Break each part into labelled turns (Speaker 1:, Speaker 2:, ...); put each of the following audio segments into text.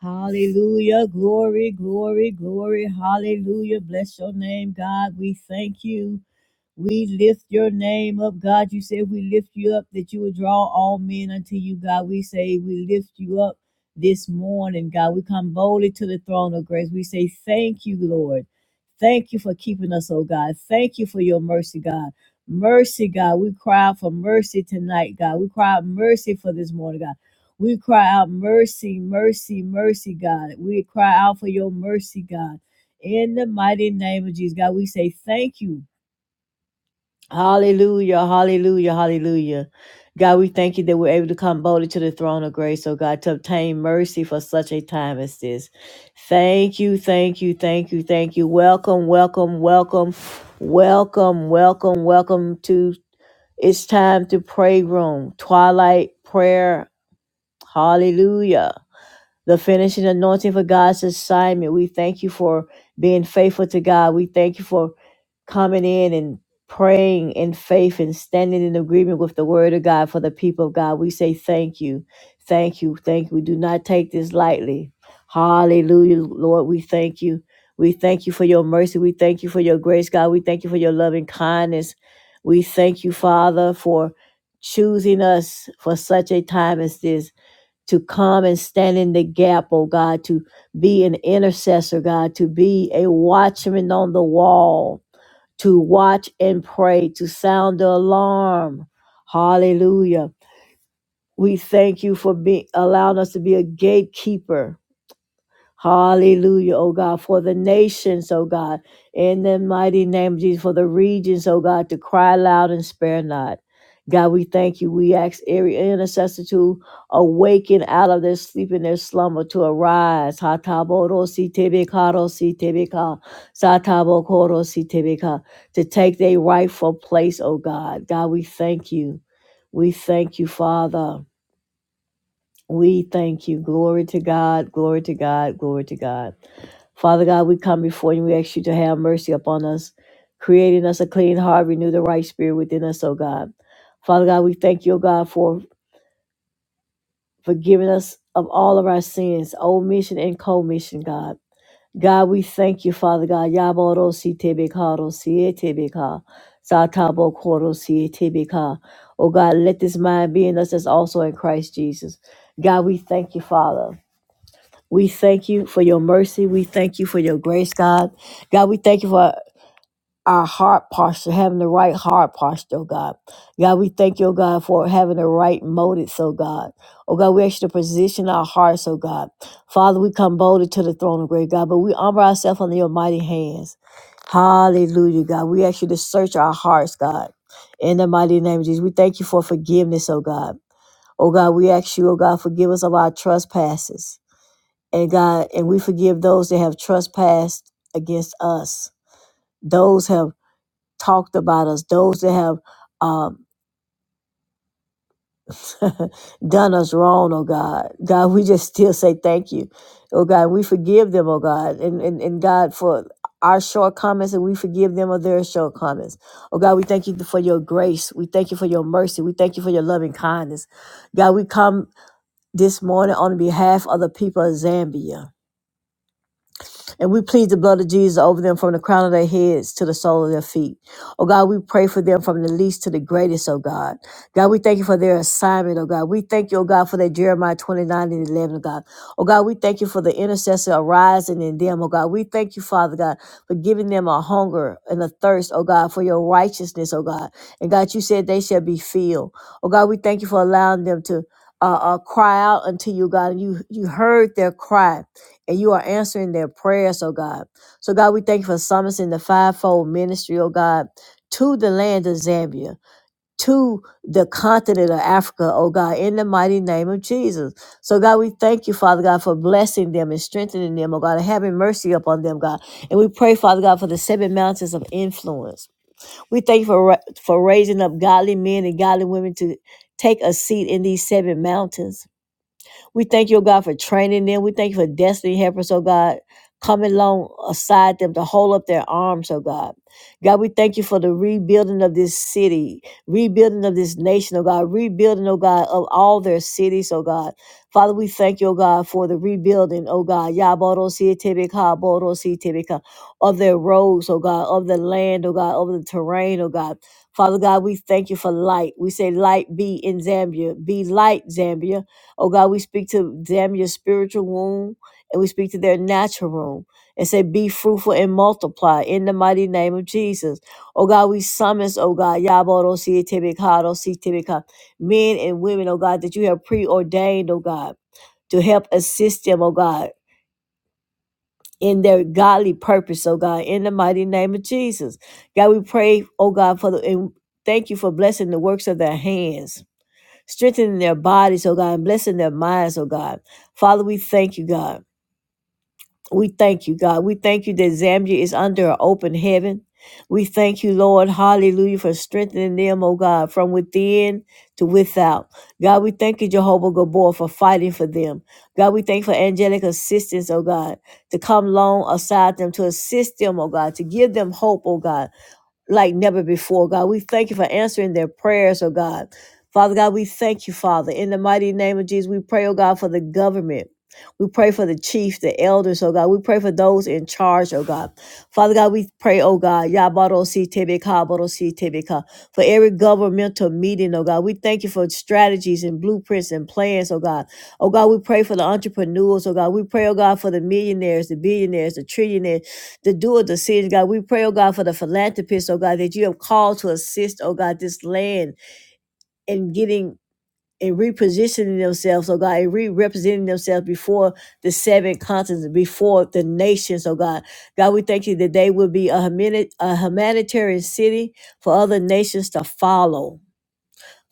Speaker 1: Hallelujah. Glory, glory, glory. Hallelujah. Bless your name, God. We thank you. We lift your name up, God. You said we lift you up that you would draw all men unto you, God. We say we lift you up this morning, God. We come boldly to the throne of grace. We say thank you, Lord. Thank you for keeping us, oh God. Thank you for your mercy, God. Mercy, God. We cry out for mercy tonight, God. We cry out mercy for this morning, God. We cry out mercy, mercy, mercy, God. We cry out for your mercy, God. In the mighty name of Jesus, God, we say thank you. Hallelujah, hallelujah, hallelujah. God, we thank you that we're able to come boldly to the throne of grace, oh God, to obtain mercy for such a time as this. Thank you, thank you, thank you, thank you. Welcome, welcome, welcome, welcome, welcome, welcome to It's Time to Pray Room, Twilight Prayer. Hallelujah. The finishing anointing for God's assignment. We thank you for being faithful to God. We thank you for coming in and praying in faith and standing in agreement with the word of God for the people of God. We say thank you. Thank you. Thank you. We do not take this lightly. Hallelujah. Lord, we thank you. We thank you for your mercy. We thank you for your grace, God. We thank you for your loving kindness. We thank you, Father, for choosing us for such a time as this to come and stand in the gap, oh God, to be an intercessor, God, to be a watchman on the wall to watch and pray, to sound the alarm. Hallelujah. We thank you for being allowing us to be a gatekeeper Hallelujah, oh God, for the nations, oh God, in the mighty name of Jesus, for the regions, oh God, to cry loud and spare not. God, we thank you. We ask every intercessor to awaken out of their sleep and their slumber, to arise. Hataboro si tebekaro si tebeka, satabokoro si tebeka, To take their rightful place, oh God. God, we thank you. We thank you, Father. We thank you. Glory to God, glory to God, glory to God. Father God, we come before you. We ask you to have mercy upon us, creating us a clean heart, renew the right spirit within us, oh God. Father God, we thank you, oh God, for forgiving us of all of our sins, omission and commission, God. God, we thank you, Father God. Yaboro si tebekaro si etebeka. Satabo koro si etebeka. Oh God, let this mind be in us that's also in Christ Jesus. God, we thank you, Father. We thank you for your mercy. We thank you for your grace, God. God, we thank you for our heart posture, having the right heart posture, oh God. God, we thank you, oh God, for having the right motives, oh God. Oh God, we ask you to position our hearts, oh God. Father, we come boldly to the throne of grace, God, but we humble ourselves under your mighty hands. Hallelujah, God. We ask you to search our hearts, God. In the mighty name of Jesus, we thank you for forgiveness, oh God. Oh God, we ask you, oh God, forgive us of our trespasses and God, and we forgive those that have trespassed against us, those have talked about us, those that have um, done us wrong, oh God. God, we just still say thank you. Oh God, we forgive them, oh God. And, and, and God, for our shortcomings, and we forgive them of their shortcomings. Oh God, we thank you for your grace. We thank you for your mercy. We thank you for your loving kindness. God, we come this morning on behalf of the people of Zambia. And we plead the blood of Jesus over them from the crown of their heads to the sole of their feet. Oh God, we pray for them from the least to the greatest, oh God. God, we thank you for their assignment, oh God. We thank you, oh God, for their Jeremiah 29 and 11, oh God. Oh God, we thank you for the intercessor arising in them, oh God. We thank you, Father God, for giving them a hunger and a thirst, oh God, for your righteousness, oh God. And God, you said they shall be filled. Oh God, we thank you for allowing them to uh, uh, cry out unto you, God. And you, you heard their cry and you are answering their prayers, oh God. So, God, we thank you for summoning the fivefold ministry, oh God, to the land of Zambia, to the continent of Africa, oh God, in the mighty name of Jesus. So, God, we thank you, Father God, for blessing them and strengthening them, oh God, and having mercy upon them, God. And we pray, Father God, for the seven mountains of influence. We thank you for, ra- for raising up godly men and godly women to take a seat in these seven mountains. We thank you, oh God, for training them. We thank you for destiny helpers, oh God, coming alongside them to hold up their arms, oh God. God, we thank you for the rebuilding of this city, rebuilding of this nation, oh God, rebuilding, oh God, of all their cities, oh God. Father, we thank you, oh God, for the rebuilding, oh God, Yaborositibika, Borositibika, of their roads, oh God, of the land, oh God, of the terrain, oh God. Father God, we thank you for light. We say, Light be in Zambia. Be light, Zambia Oh God, we speak to damn your spiritual womb and we speak to their natural womb and say, Be fruitful and multiply in the mighty name of Jesus. Oh God, we summons, oh God, Yaboro si tibikado si tibika, men and women, oh God, that you have preordained, oh God, to help assist them, oh God. In their godly purpose, oh God, in the mighty name of Jesus. God, we pray, oh God, for the and thank you for blessing the works of their hands strengthening their bodies, oh God, and blessing their minds, oh God. Father, we thank you, God. We thank you, God. We thank you that Zambia is under an open heaven. We thank you, Lord, hallelujah, for strengthening them, oh God, from within to without. God, we thank you, Jehovah Gabor, for fighting for them. God, we thank you for angelic assistance, oh God, to come along aside them, to assist them, oh God, to give them hope, oh God, like never before, God. We thank you for answering their prayers, oh God. Father God, we thank you, Father. In the mighty name of Jesus, we pray, oh God, for the government. We pray for the chief, the elders, oh God. We pray for those in charge, oh God. Father God, we pray, oh God, Yabarosi Tebeka, Barosi Tebeka, for every governmental meeting, oh God. We thank you for strategies and blueprints and plans, oh God. Oh God, we pray for the entrepreneurs, oh God. We pray, oh God, for the millionaires, the billionaires, the trillionaires to do a decision, God. We pray, oh God, for the philanthropists, oh God, that you have called to assist, oh God, this land in getting and repositioning themselves, oh God, and re-representing themselves before the seven continents, before the nations, oh God. God, we thank you that they will be a, humani- a humanitarian city for other nations to follow.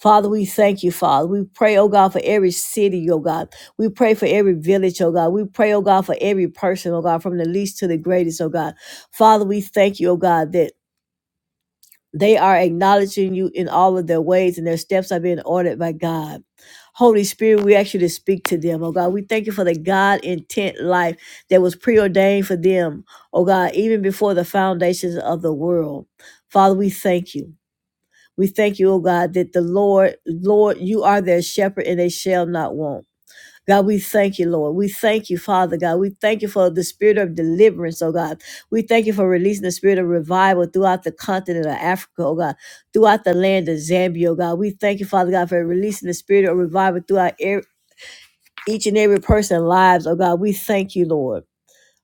Speaker 1: Father, we thank you, Father. We pray, oh God, for every city, oh God. We pray for every village, oh God. We pray, oh God, for every person, oh God, from the least to the greatest, oh God. Father, we thank you, oh God, that they are acknowledging you in all of their ways and their steps are being ordered by God. Holy Spirit, we ask you to speak to them, oh God. We thank you for the God intent life that was preordained for them, oh God, even before the foundations of the world. Father, we thank you. We thank you, O God, that the Lord, Lord, you are their shepherd and they shall not want. God, we thank you, Lord. We thank you, Father God. We thank you for the spirit of deliverance, oh God. We thank you for releasing the spirit of revival throughout the continent of Africa, oh God, throughout the land of Zambia, oh God. We thank you, Father God, for releasing the spirit of revival throughout e- each and every person's lives, oh God. We thank you, Lord.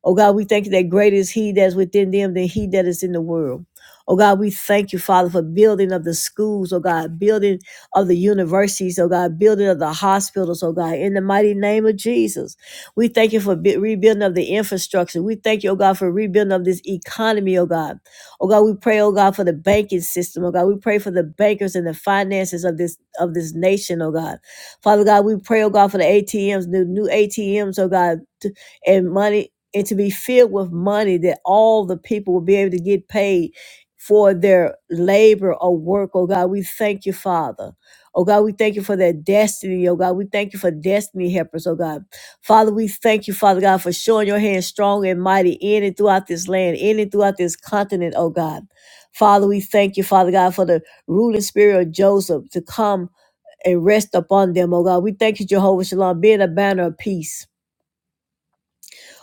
Speaker 1: Oh God, we thank you that greater is He that's within them than He that is in the world. Oh God, we thank you, Father, for building of the schools, oh God, building of the universities, oh God, building of the hospitals, oh God, in the mighty name of Jesus. We thank you for bu- rebuilding of the infrastructure. We thank you, oh God, for rebuilding of this economy, oh God. Oh God, we pray, oh God, for the banking system, oh God. We pray for the bankers and the finances of this of this nation, oh God. Father God, we pray, oh God, for the ATMs, the new ATMs, oh God, and money and to be filled with money that all the people will be able to get paid for their labor or work. Oh God, we thank you, Father. Oh God, we thank you for that destiny. Oh God, we thank you for destiny helpers. Oh God, Father, we thank you, Father God, for showing your hand strong and mighty in and throughout this land, in and throughout this continent. Oh God, Father, we thank you, Father God, for the ruling spirit of Joseph to come and rest upon them. Oh God, we thank you, Jehovah Shalom, being a banner of peace.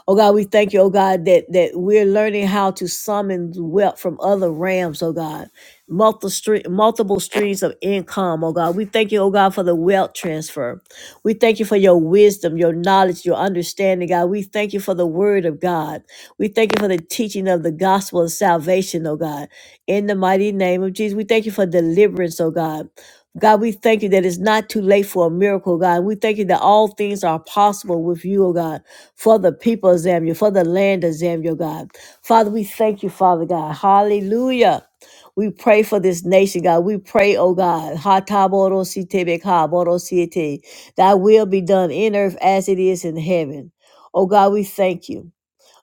Speaker 1: Oh God, we thank you, oh God, that that we're learning how to summon wealth from other realms, oh God. Multiple stre- multiple streams of income, oh God. We thank you, oh God, for the wealth transfer. We thank you for your wisdom, your knowledge, your understanding, God. We thank you for the word of God. We thank you for the teaching of the gospel of salvation, oh God. In the mighty name of Jesus, we thank you for deliverance, oh God. God, we thank you that it's not too late for a miracle, God. We thank you that all things are possible with you, oh God for the people of Zambia, for the land of Zambia, God. Father, we thank you, Father God. Hallelujah. We pray for this nation, God. We pray, oh God, Hatabodositebekaborosiete, thy will be done in earth as it is in heaven. Oh God, we thank you.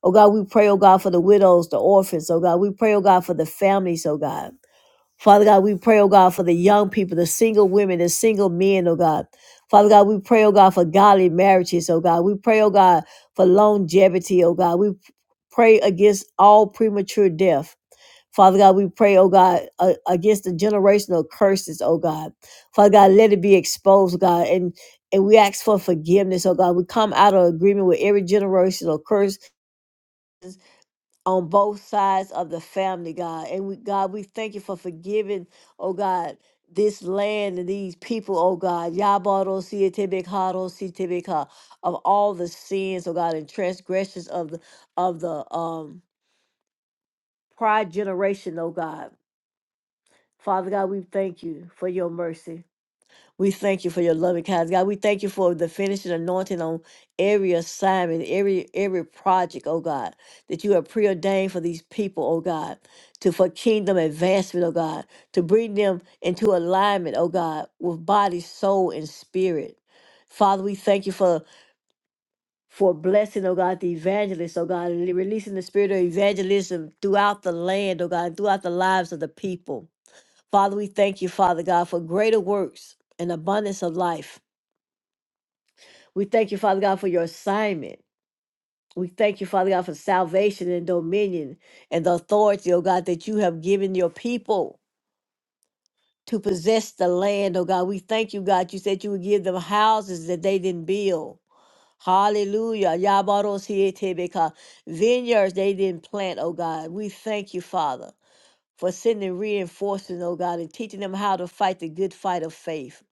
Speaker 1: Oh God, we pray, oh God, for the widows, the orphans, oh God. We pray, oh God, for the families, oh God. Father God, we pray, oh God, for the young people, the single women, the single men, oh God. Father God, we pray, oh God, for godly marriages, oh God. We pray, oh God, for longevity, oh God. We pray against all premature death. Father God, we pray, oh God, uh, against the generational curses, oh God. Father God, let it be exposed, God. And and we ask for forgiveness, oh God. We come out of agreement with every generational curse on both sides of the family, God. And we, God, we thank you for forgiving, oh God, this land and these people, oh God, Yabarositebekharositebeka, of all the sins, oh God, and transgressions of the of the um prior generation, oh God. Father God, we thank you for your mercy. We thank you for your loving kindness, God. We thank you for the finishing anointing on every assignment, every every project, oh God, that you have preordained for these people, oh God, to for kingdom advancement, oh God, to bring them into alignment, oh God, with body, soul, and spirit. Father, we thank you for for blessing, oh God, the evangelists, oh God, and releasing the spirit of evangelism throughout the land, oh God, throughout the lives of the people. Father, we thank you, Father God, for greater works and abundance of life we thank you, Father God, for your assignment. We thank you, Father God, for salvation and dominion and the authority, oh God, that you have given your people to possess the land, oh God. We thank you, God. You said you would give them houses that they didn't build. Hallelujah. Yabarosietebeka. Vineyards they didn't plant, oh God. We thank you, Father, for sending reinforcements, oh God, and teaching them how to fight the good fight of faith.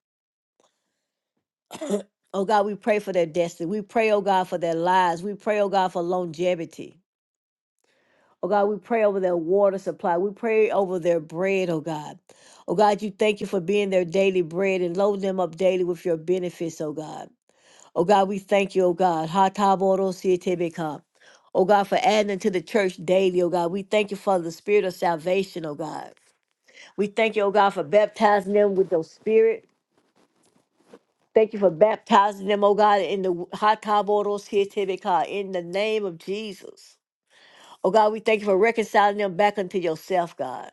Speaker 1: Oh God, we pray for their destiny. We pray, oh God, for their lives. We pray, oh God, for longevity. Oh God, we pray over their water supply. We pray over their bread, oh God. Oh God, you thank you for being their daily bread and loading them up daily with your benefits, oh God. Oh God, we thank you, oh God. Ha ta bo ro si te be ka. Oh God, for adding to the church daily, oh God. We thank you for the spirit of salvation, oh God. We thank you, oh God, for baptizing them with your spirit. Thank you for baptizing them, oh God, in the Ha ta bo ro si te be ka, in the name of Jesus. Oh God, we thank you for reconciling them back unto yourself, God.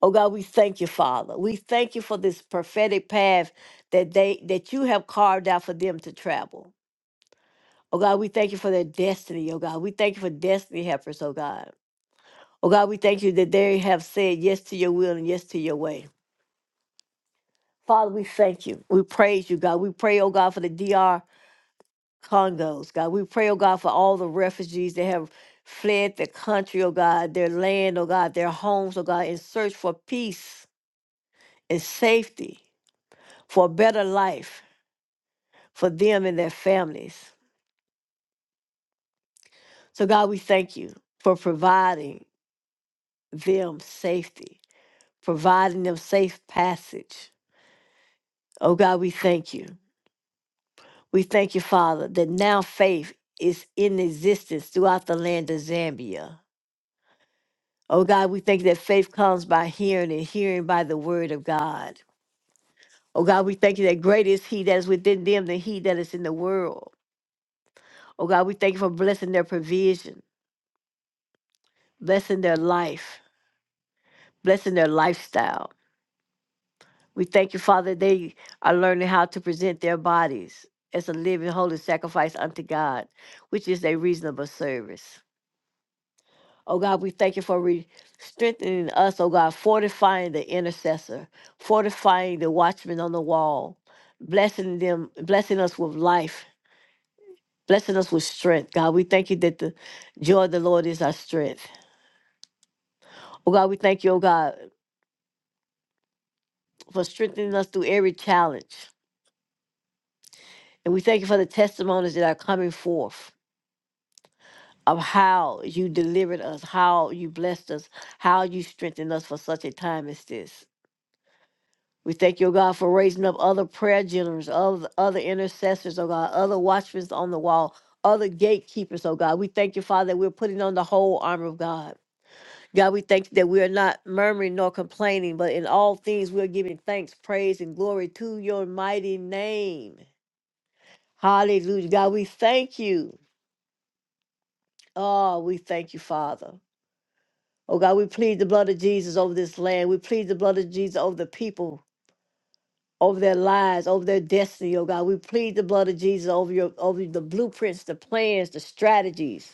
Speaker 1: Oh God, we thank you, Father. We thank you for this prophetic path that they that you have carved out for them to travel. Oh God, we thank you for their destiny, oh God. We thank you for destiny helpers, oh God. Oh God, we thank you that they have said yes to your will and yes to your way. Father, we thank you. We praise you, God. We pray, oh God, for the DR Congos, God. We pray, oh God, for all the refugees that have fled the country, oh God, their land, oh God, their homes, oh God, in search for peace and safety, for a better life. for them and their families. So, God, we thank you for providing them safety, providing them safe passage. Oh, God, we thank you. We thank you, Father, that now faith is in existence throughout the land of Zambia. Oh, God, we thank you that faith comes by hearing and hearing by the word of God. Oh, God, we thank you that greater is He that is within them than He that is in the world. Oh, God, we thank you for blessing their provision, blessing their life, blessing their lifestyle. We thank you, Father, they are learning how to present their bodies as a living, holy sacrifice unto God, which is a reasonable service. Oh God, we thank you for re- strengthening us, oh God, fortifying the intercessor, fortifying the watchman on the wall, blessing them, blessing us with life, blessing us with strength. God, we thank you that the joy of the Lord is our strength. Oh God, we thank you, oh God, for strengthening us through every challenge. And we thank you for the testimonies that are coming forth. of how you delivered us, how you blessed us, how you strengthened us for such a time as this. We thank you, oh God, for raising up other prayer generals, other, other intercessors, oh God, other watchmen on the wall, other gatekeepers, oh God. We thank you, Father, that we're putting on the whole armor of God. God, we thank you that we are not murmuring nor complaining, but in all things we are giving thanks, praise, and glory to your mighty name. Hallelujah. God, we thank you. Oh, we thank you, Father. Oh God, we plead the blood of Jesus over this land. We plead the blood of Jesus over the people, over their lives, over their destiny. Oh God, we plead the blood of Jesus over your over the blueprints, the plans, the strategies.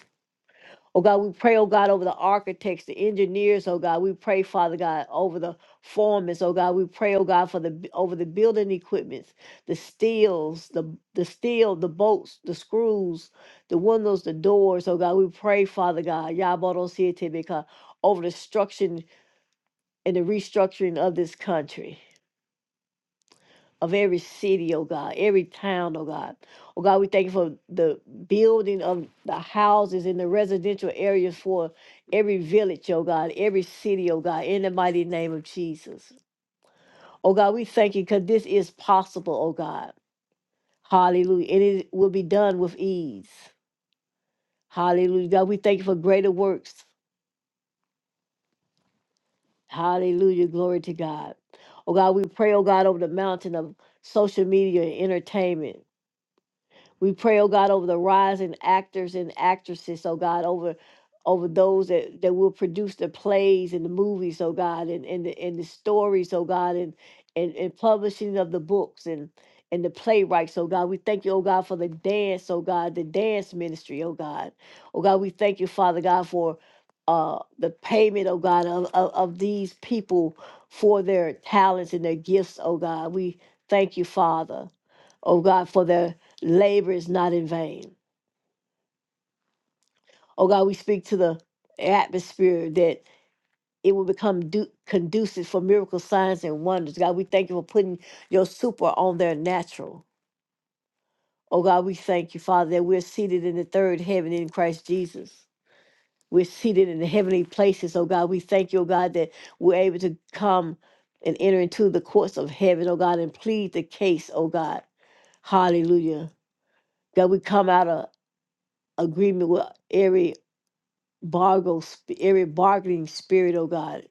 Speaker 1: Oh God, we pray, oh God, over the architects, the engineers, oh God. We pray, Father God, over the foremen. Oh God, we pray, oh God, for the b- over the building equipment, the steels, the the steel, the bolts, the screws, the windows, the doors. Oh God, we pray, Father God, Yabodo Siete Beka, over the structure and the restructuring of this country, of every city, oh God, every town, oh God. Oh God, we thank you for the building of the houses in the residential areas for every village, oh God, every city, oh God, in the mighty name of Jesus. Oh God, we thank you because this is possible, oh God. Hallelujah. And it will be done with ease. Hallelujah. God, we thank you for greater works. Hallelujah. Glory to God. Oh God, we pray, oh God, over the mountain of social media and entertainment. We pray, oh God, over the rising actors and actresses, oh God, over over those that, that will produce the plays and the movies, oh God, and, and the and the stories, oh God, and, and and publishing of the books and and the playwrights, oh God. We thank you, oh God, for the dance, oh God, the dance ministry, oh God. Oh God, we thank you, Father God, for uh the payment, oh God, of, of, of these people for their talents and their gifts, oh God. We thank you, Father. Oh God, for their labor is not in vain. Oh God, we speak to the atmosphere that it will become du- conducive for miracle signs, and wonders. God, we thank you for putting your super on their natural. Oh God, we thank you, Father, that we're seated in the third heaven in Christ Jesus. We're seated in the heavenly places. Oh God, we thank you, oh God, that we're able to come and enter into the courts of heaven, oh God, and plead the case, oh God. Hallelujah. God, we come out of agreement with every bargo, sp- every bargaining spirit, oh God.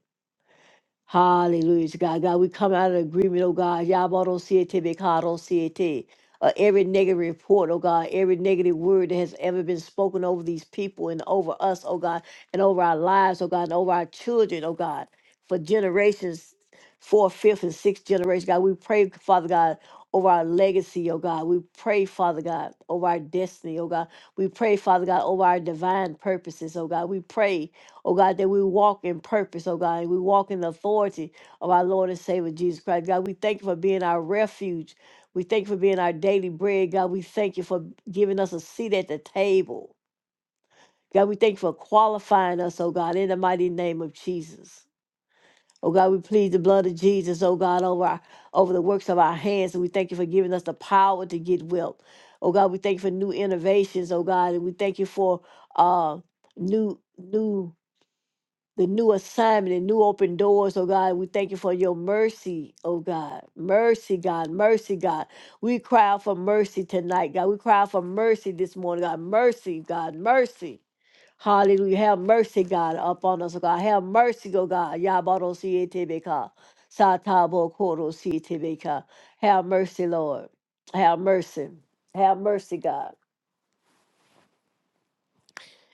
Speaker 1: Hallelujah, to God. God, we come out of agreement, oh God. Yabado siete, becado siete. Uh, every negative report, oh God, every negative word that has ever been spoken over these people and over us, oh God, and over our lives, oh God, and over our children, oh God, for generations, fourth, fifth, and sixth generation, God, we pray, Father God, over our legacy, oh God. We pray, Father God, over our destiny, oh God. We pray, Father God, over our divine purposes, oh God. We pray, Oh God, that we walk in purpose, oh God, and we walk in the authority of our Lord and Savior Jesus Christ. God, we thank you for being our refuge. We thank you for being our daily bread. God, we thank you for giving us a seat at the table. God, we thank you for qualifying us, oh God, in the mighty name of Jesus. Oh God, we plead the blood of Jesus, oh God, over our, over the works of our hands. And we thank you for giving us the power to get wealth. Oh God, we thank you for new innovations, oh God, and we thank you for uh new new the new assignment and new open doors, oh God. We thank you for your mercy, oh God. Mercy, God. Mercy, God. We cry out for mercy tonight, God. We cry out for mercy this morning, God. Mercy, God. Mercy. Hallelujah. Have mercy, God, upon us, oh God. Have mercy, oh God. Yabado sietebeka. Satabo koro sietebeka. Have mercy, Lord. Have mercy. Have mercy, God.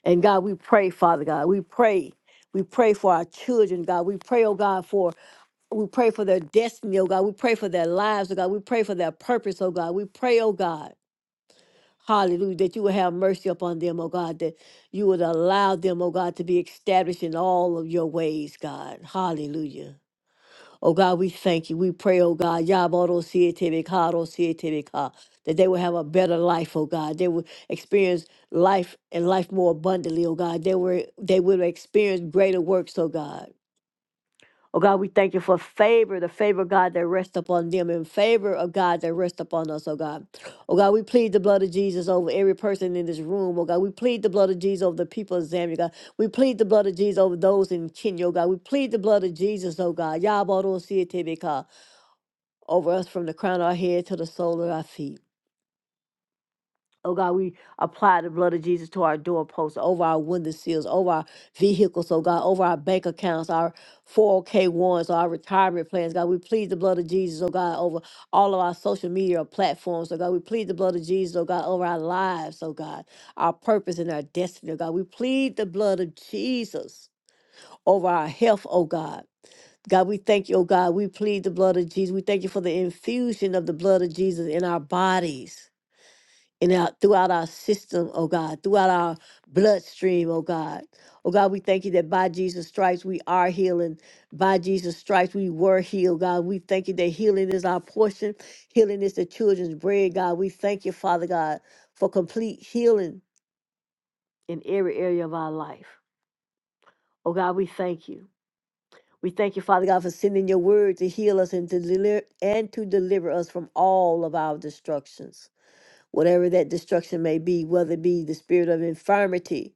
Speaker 1: And God, we pray, Father God. We pray. We pray for our children, God. We pray, oh God, for We pray for their destiny, oh God. We pray for their lives, oh God. We pray for their purpose, oh God. We pray, oh God, hallelujah, that you would have mercy upon them, oh God, that you would allow them, oh God, to be established in all of your ways, God. Hallelujah. Oh God, we thank you. We pray, oh God, Yaboro Sietebeka, that they will have a better life, oh God. They will experience life and life more abundantly, oh God. They were they will experience greater works, oh God. Oh God, we thank you for favor, the favor, God, that rests upon them, and favor of God that rests upon us, oh God. Oh God, we plead the blood of Jesus over every person in this room, oh God. We plead the blood of Jesus over the people of Zambia, God. We plead the blood of Jesus over those in Kenya, oh God. We plead the blood of Jesus, oh God. Yabarosietebeka, Over us from the crown of our head to the sole of our feet. Oh God, we apply the blood of Jesus to our doorposts, over our window seals, over our vehicles, oh God, over our bank accounts, our 401k1s, our retirement plans. God, we plead the blood of Jesus, oh God, over all of our social media platforms, oh God. We plead the blood of Jesus, oh God, over our lives, oh God, our purpose and our destiny, oh God. We plead the blood of Jesus over our health, oh God. God, we thank you, oh God. We plead the blood of Jesus. We thank you for the infusion of the blood of Jesus in our bodies and out throughout our system, oh God, throughout our bloodstream, oh God. Oh God, we thank you that by Jesus' stripes we are healing. By Jesus' stripes we were healed, God. We thank you that healing is our portion, healing is the children's bread, God. We thank you, Father God, for complete healing in every area of our life. Oh God, we thank you. We thank you, Father God, for sending your word to heal us and to deliver and to deliver us from all of our destructions. whatever that destruction may be, whether it be the spirit of infirmity,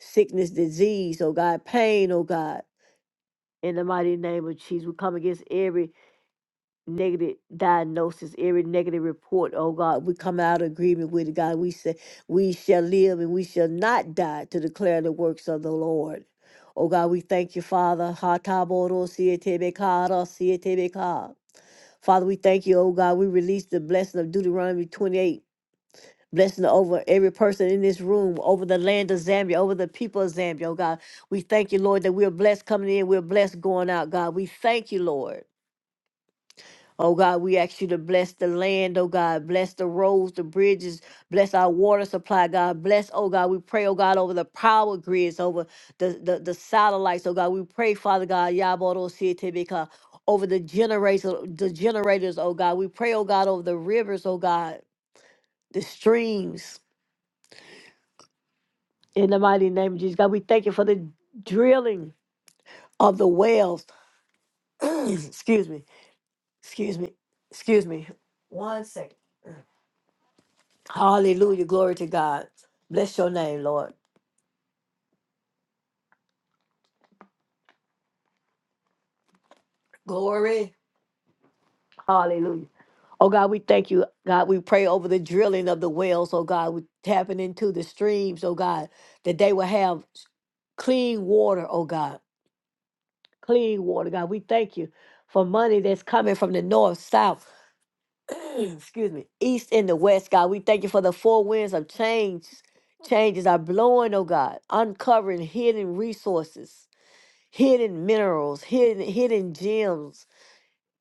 Speaker 1: sickness, disease, oh God, pain, oh God. In the mighty name of Jesus, we come against every negative diagnosis, every negative report, oh God. We come out of agreement with it, God. We say, We shall live and we shall not die to declare the works of the Lord. Oh God, we thank you, Father. Ha ta bo ro si e te be ka ra si e te be ka. Father, we thank you, oh God. We release the blessing of Deuteronomy 28 Blessing over every person in this room, over the land of Zambia, over the people of Zambia, oh God. We thank you, Lord, that we're blessed coming in, we're blessed going out, God. We thank you, Lord. Oh God, we ask you to bless the land, oh God. Bless the roads, the bridges, bless our water supply, God. Bless, oh God. We pray, oh God, over the power grids, over the, the, the satellites, oh God. We pray, Father God, Yaboro Sietebeka, over the generators, the generators, oh God. We pray, oh God, over the rivers, oh God, the streams. In the mighty name of Jesus, God, we thank you for the drilling of the wells. excuse me. Excuse me. Excuse me. One second. Hallelujah. Glory to God. Bless your name, Lord. Glory. Hallelujah. Oh God, we thank you. God, we pray over the drilling of the wells. Oh God, we tapping into the streams. Oh God, that they will have clean water. Oh God, clean water. God, we thank you for money that's coming from the north, south. excuse me, east and the west, God. We thank you for the four winds of change. Changes are blowing, oh God, uncovering hidden resources, hidden minerals, hidden hidden gems,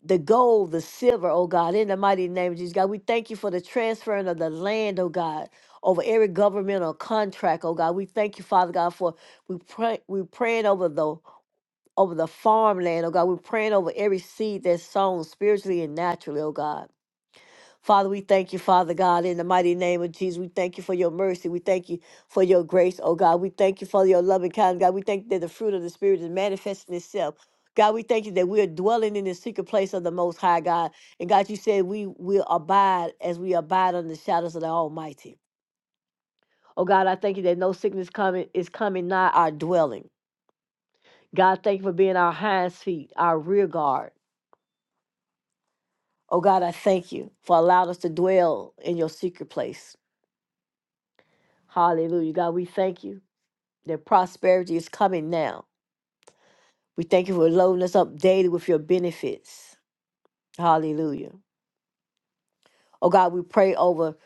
Speaker 1: the gold, the silver, oh God, in the mighty name of Jesus, God. We thank you for the transferring of the land, oh God, over every governmental contract, oh God. We thank you, Father God, for we pray we praying over the over the farmland, oh God. We're praying over every seed that's sown spiritually and naturally, oh God. Father, we thank you, Father God, in the mighty name of Jesus. We thank you for your mercy. We thank you for your grace, oh God. We thank you for your loving kindness, God. We thank you that the fruit of the Spirit is manifesting itself. God, we thank you that we are dwelling in the secret place of the Most High, God. And God, you said we will abide as we abide under the shadows of the Almighty. Oh God, I thank you that no sickness coming is coming nigh our dwelling. God, thank you for being our hind feet, our rear guard. Oh God, I thank you for allowing us to dwell in your secret place. Hallelujah. God, we thank you that prosperity is coming now. We thank you for loading us up daily with your benefits. Hallelujah. Oh God, we pray over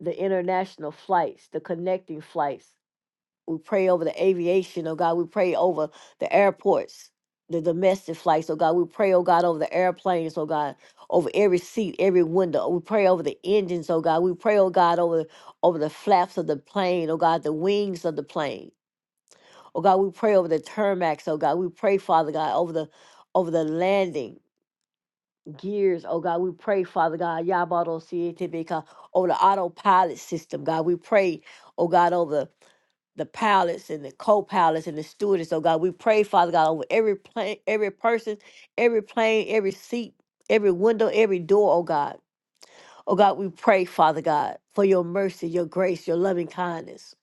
Speaker 1: the international flights, the connecting flights. We pray over the aviation. Oh God, we pray over the airports, the domestic flights. Oh God, we pray, oh God, over the airplanes. Oh God, over every seat, every window. We pray over the engines. Oh God, we pray, oh God, over over the flaps of the plane. Oh God, the wings of the plane. Oh God, we pray over the Termax. Oh God, we pray, Father God, over the over the landing gears. Oh God, we pray, Father God, Yabado Sietibika, over the autopilot system. God, we pray, oh God, over the pilots and the co-pilots and the stewardess. Oh God, we pray, Father God, over every plane, every person, every plane, every seat, every window, every door, oh God. Oh God, we pray, Father God, for your mercy, your grace, your loving kindness.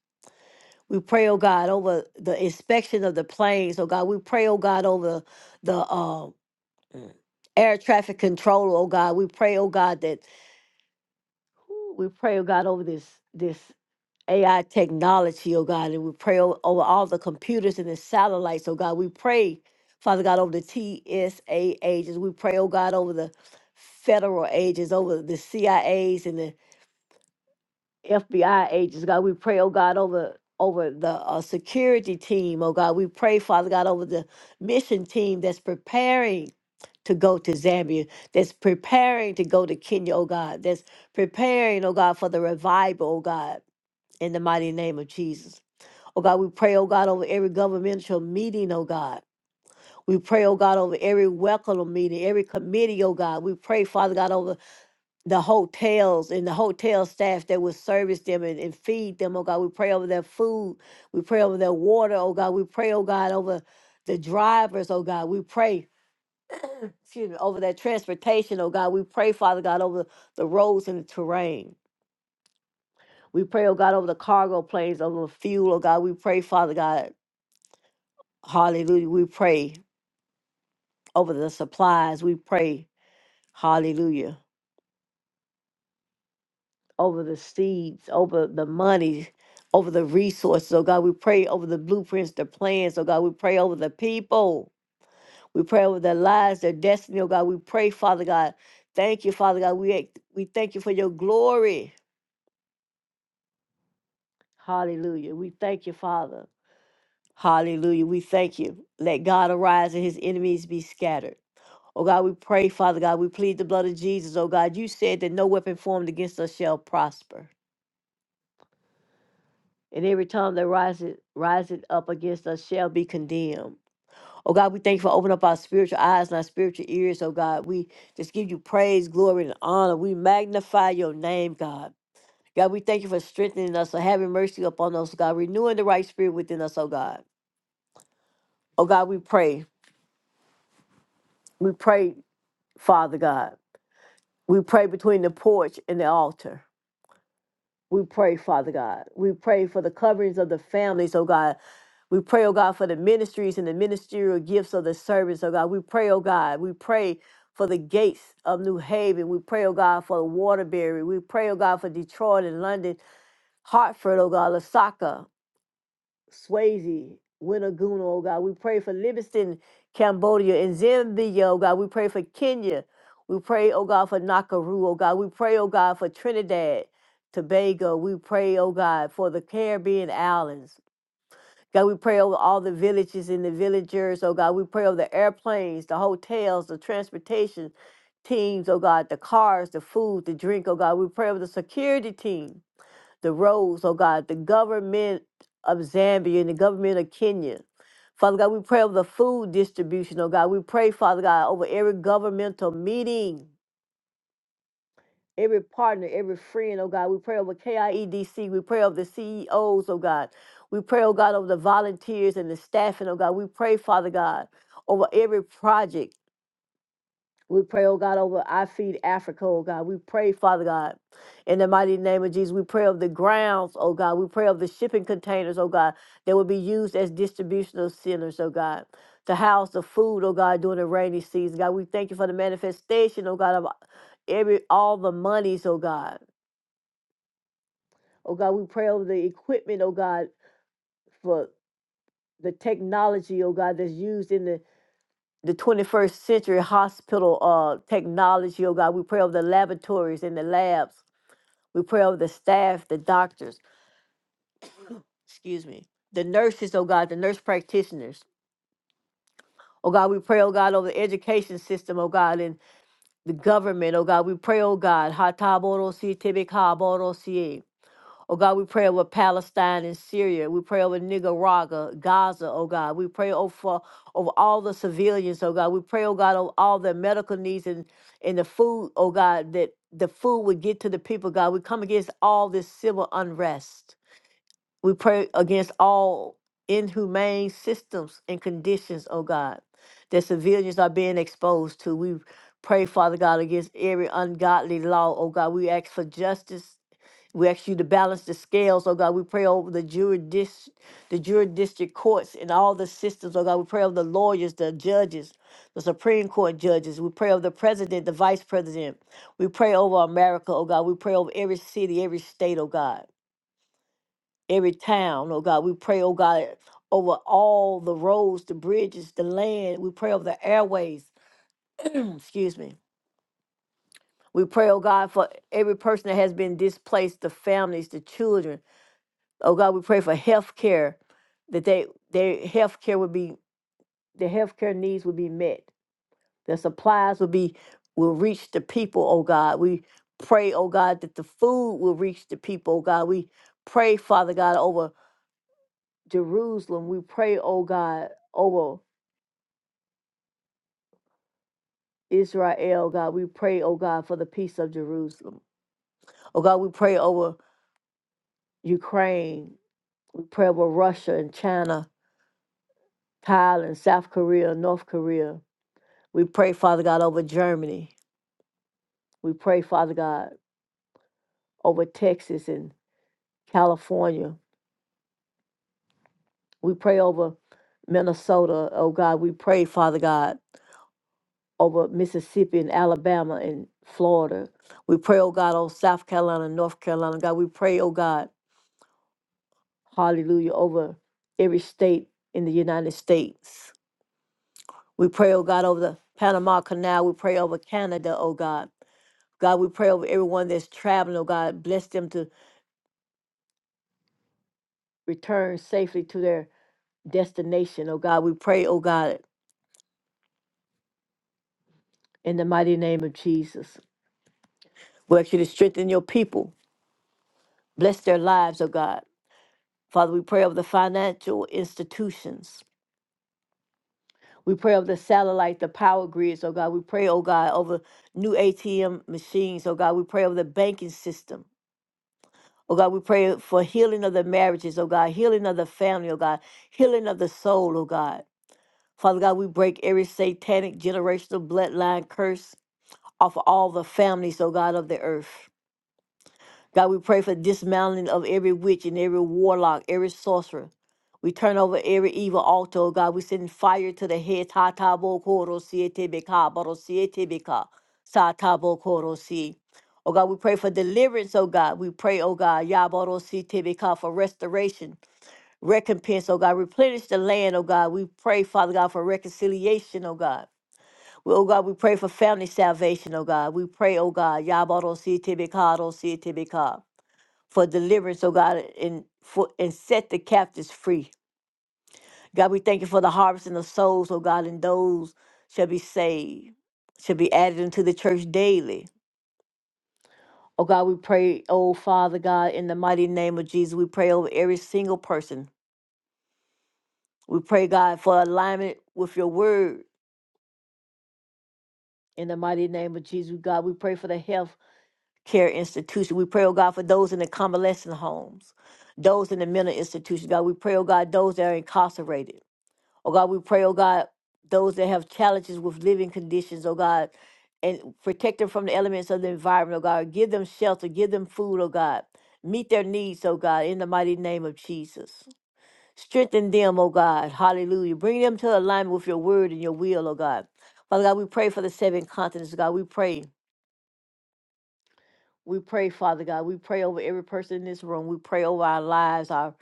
Speaker 1: We pray, oh God, over the inspection of the planes, oh God. We pray, oh God, over the um, mm, air traffic control, oh God. We pray, oh God, that whew, we pray, oh God, over this this AI technology, oh God, and we pray o- over all the computers and the satellites, oh God. We pray, Father God, over the TSA agents. We pray, oh God, over the federal agents, over the CIAs and the FBI agents, God. We pray, oh God, over over the uh, security team, oh God. We pray, Father God, over the mission team that's preparing to go to Zambia, that's preparing to go to Kenya, oh God, that's preparing, oh God, for the revival, oh God, in the mighty name of Jesus. Oh God, we pray, oh God, over every governmental meeting, oh God. We pray, oh God, over every welcome meeting, every committee, oh God. We pray, Father God, over the hotels and the hotel staff that will service them and, and feed them, oh God. We pray over their food. We pray over their water, oh God. We pray, oh God, over the drivers, oh God. We pray, excuse me, over their transportation, oh God. We pray, Father God, over the roads and the terrain. We pray, oh God, over the cargo planes, over the fuel, oh God. We pray, Father God, hallelujah. We pray over the supplies. We pray, hallelujah over the seeds, over the money, over the resources. Oh God, we pray over the blueprints, the plans. Oh God, we pray over the people. We pray over their lives, their destiny. Oh God, we pray, Father God. Thank you, Father God. We act- we thank you for your glory. Hallelujah. We thank you, Father. Hallelujah. We thank you. Let God arise and his enemies be scattered. Oh God, we pray, Father God. We plead the blood of Jesus. Oh God, you said that no weapon formed against us shall prosper. and every time that rises rising up against us shall be condemned. Oh God, we thank you for opening up our spiritual eyes and our spiritual ears. Oh God, we just give you praise, glory, and honor. We magnify your name, God. God, we thank you for strengthening us and having mercy upon us, God, renewing the right spirit within us, oh God. Oh God, we pray. We pray, Father God. We pray between the porch and the altar. We pray, Father God. We pray for the coverings of the families, oh God. We pray, oh God, for the ministries and the ministerial gifts of the service, oh God. We pray, oh God. We pray for the gates of New Haven. We pray, oh God, for Waterbury. We pray, oh God, for Detroit and London, Hartford, oh God, Lasaka. Swayze, Winaguna, oh God. We pray for Livingston, Cambodia, and Zambia, oh God. We pray for Kenya. We pray, oh God, for Nakuru, oh God. We pray, oh God, for Trinidad, Tobago. We pray, oh God, for the Caribbean islands. God, we pray over all the villages and the villagers, oh God. We pray over the airplanes, the hotels, the transportation teams, oh God, the cars, the food, the drink, oh God. We pray over the security team the roads, oh God, the government of Zambia and the government of Kenya. Father God, we pray over the food distribution, oh God. We pray, Father God, over every governmental meeting, every partner, every friend, oh God. We pray over KIEDC. We pray over the CEOs, oh God. We pray, oh God, over the volunteers and the staffing, oh God. We pray, Father God, over every project. We pray, oh God, over I feed Africa, oh God. We pray, Father God, in the mighty name of Jesus. We pray of the grounds, oh God. We pray of the shipping containers, oh God, that will be used as distributional centers, oh God, to house the food, oh God, during the rainy season. God, we thank you for the manifestation, oh God, of every all the monies, oh God. Oh God, we pray over the equipment, oh God, for the technology, oh God, that's used in the the 21st century hospital uh, technology, oh God. We pray over the laboratories and the labs. We pray over the staff, the doctors, excuse me, the nurses, oh God, the nurse practitioners. Oh God, we pray, oh God, over the education system, oh God, and the government, oh God. We pray, oh God, Hataboro si Oh God, we pray over Palestine and Syria. We pray over Nicaragua, Gaza, oh God. We pray over, for, over all the civilians, oh God. We pray, oh God, over all their medical needs and, and the food, oh God, that the food would get to the people, God. We come against all this civil unrest. We pray against all inhumane systems and conditions, oh God, that civilians are being exposed to. We pray, Father God, against every ungodly law, oh God. We ask for justice we ask you to balance the scales, oh God. We pray over the juridis, the jurisdiction courts and all the systems, oh God. We pray over the lawyers, the judges, the Supreme Court judges. We pray over the president, the vice president. We pray over America, oh God. We pray over every city, every state, oh God, every town, oh God. We pray, oh God, over all the roads, the bridges, the land. We pray over the airways. Excuse me. We pray, oh God, for every person that has been displaced, the families, the children. Oh God, we pray for health care, that they their health care would be their health care needs would be met. Their supplies will be will reach the people, oh God. We pray, oh God, that the food will reach the people, oh God. We pray, Father God, over Jerusalem. We pray, oh God, over Israel, God. We pray, oh God, for the peace of Jerusalem. Oh God, we pray over Ukraine. We pray over Russia and China, Thailand, South Korea, North Korea. We pray, Father God, over Germany. We pray, Father God, over Texas and California. We pray over Minnesota. Oh God, we pray, Father God, over Mississippi and Alabama and Florida. We pray, oh God, over South Carolina and North Carolina. God, we pray, oh God, hallelujah, over every state in the United States. We pray, oh God, over the Panama Canal. We pray over Canada, oh God. God, we pray over everyone that's traveling, oh God. Bless them to return safely to their destination. Oh God, we pray, oh God, in the mighty name of Jesus. We ask you to strengthen your people, bless their lives, oh God. Father, we pray over the financial institutions. We pray over the satellite, the power grids, oh God. We pray, oh God, over new ATM machines, oh God. We pray over the banking system. Oh God, we pray for healing of the marriages, oh God, healing of the family, oh God, healing of the soul, oh God. Father God, we break every satanic generational bloodline curse off of all the families, O God, of the earth. God, we pray for dismantling of every witch and every warlock, every sorcerer. We turn over every evil altar, oh God. We send fire to the head. Ta ta bo ko ro si e te be ka, ba si e te be ka, sa ta bo ko si. Oh God, we pray for deliverance, oh God. We pray, oh God, ya si te be ka, for restoration, recompense, oh God. Replenish the land, oh God. We pray, Father God, for reconciliation, oh God. We- Oh God, we pray for family salvation, oh God. We pray, oh God, Yabado si Sitibika, for deliverance, oh God, and for and set the captives free. God, we thank you for the harvesting of souls, oh God, and those shall be saved, shall be added into the church daily. Oh God, we pray, oh Father God, in the mighty name of Jesus, we pray over every single person. We pray, God, for alignment with your word in the mighty name of Jesus. God, we pray for the health care institution. We pray, oh God, for those in the convalescent homes, those in the mental institutions. God, we pray, oh God, those that are incarcerated. Oh God, we pray, oh God, those that have challenges with living conditions, oh God, and protect them from the elements of the environment, oh God. Give them shelter, give them food, oh God. Meet their needs, oh God, in the mighty name of Jesus. Strengthen them, oh God. Hallelujah. Bring them to alignment with your word and your will, oh God. Father God, we pray for the seven continents, God. We pray. We pray, Father God. We pray over every person in this room. We pray over our lives, our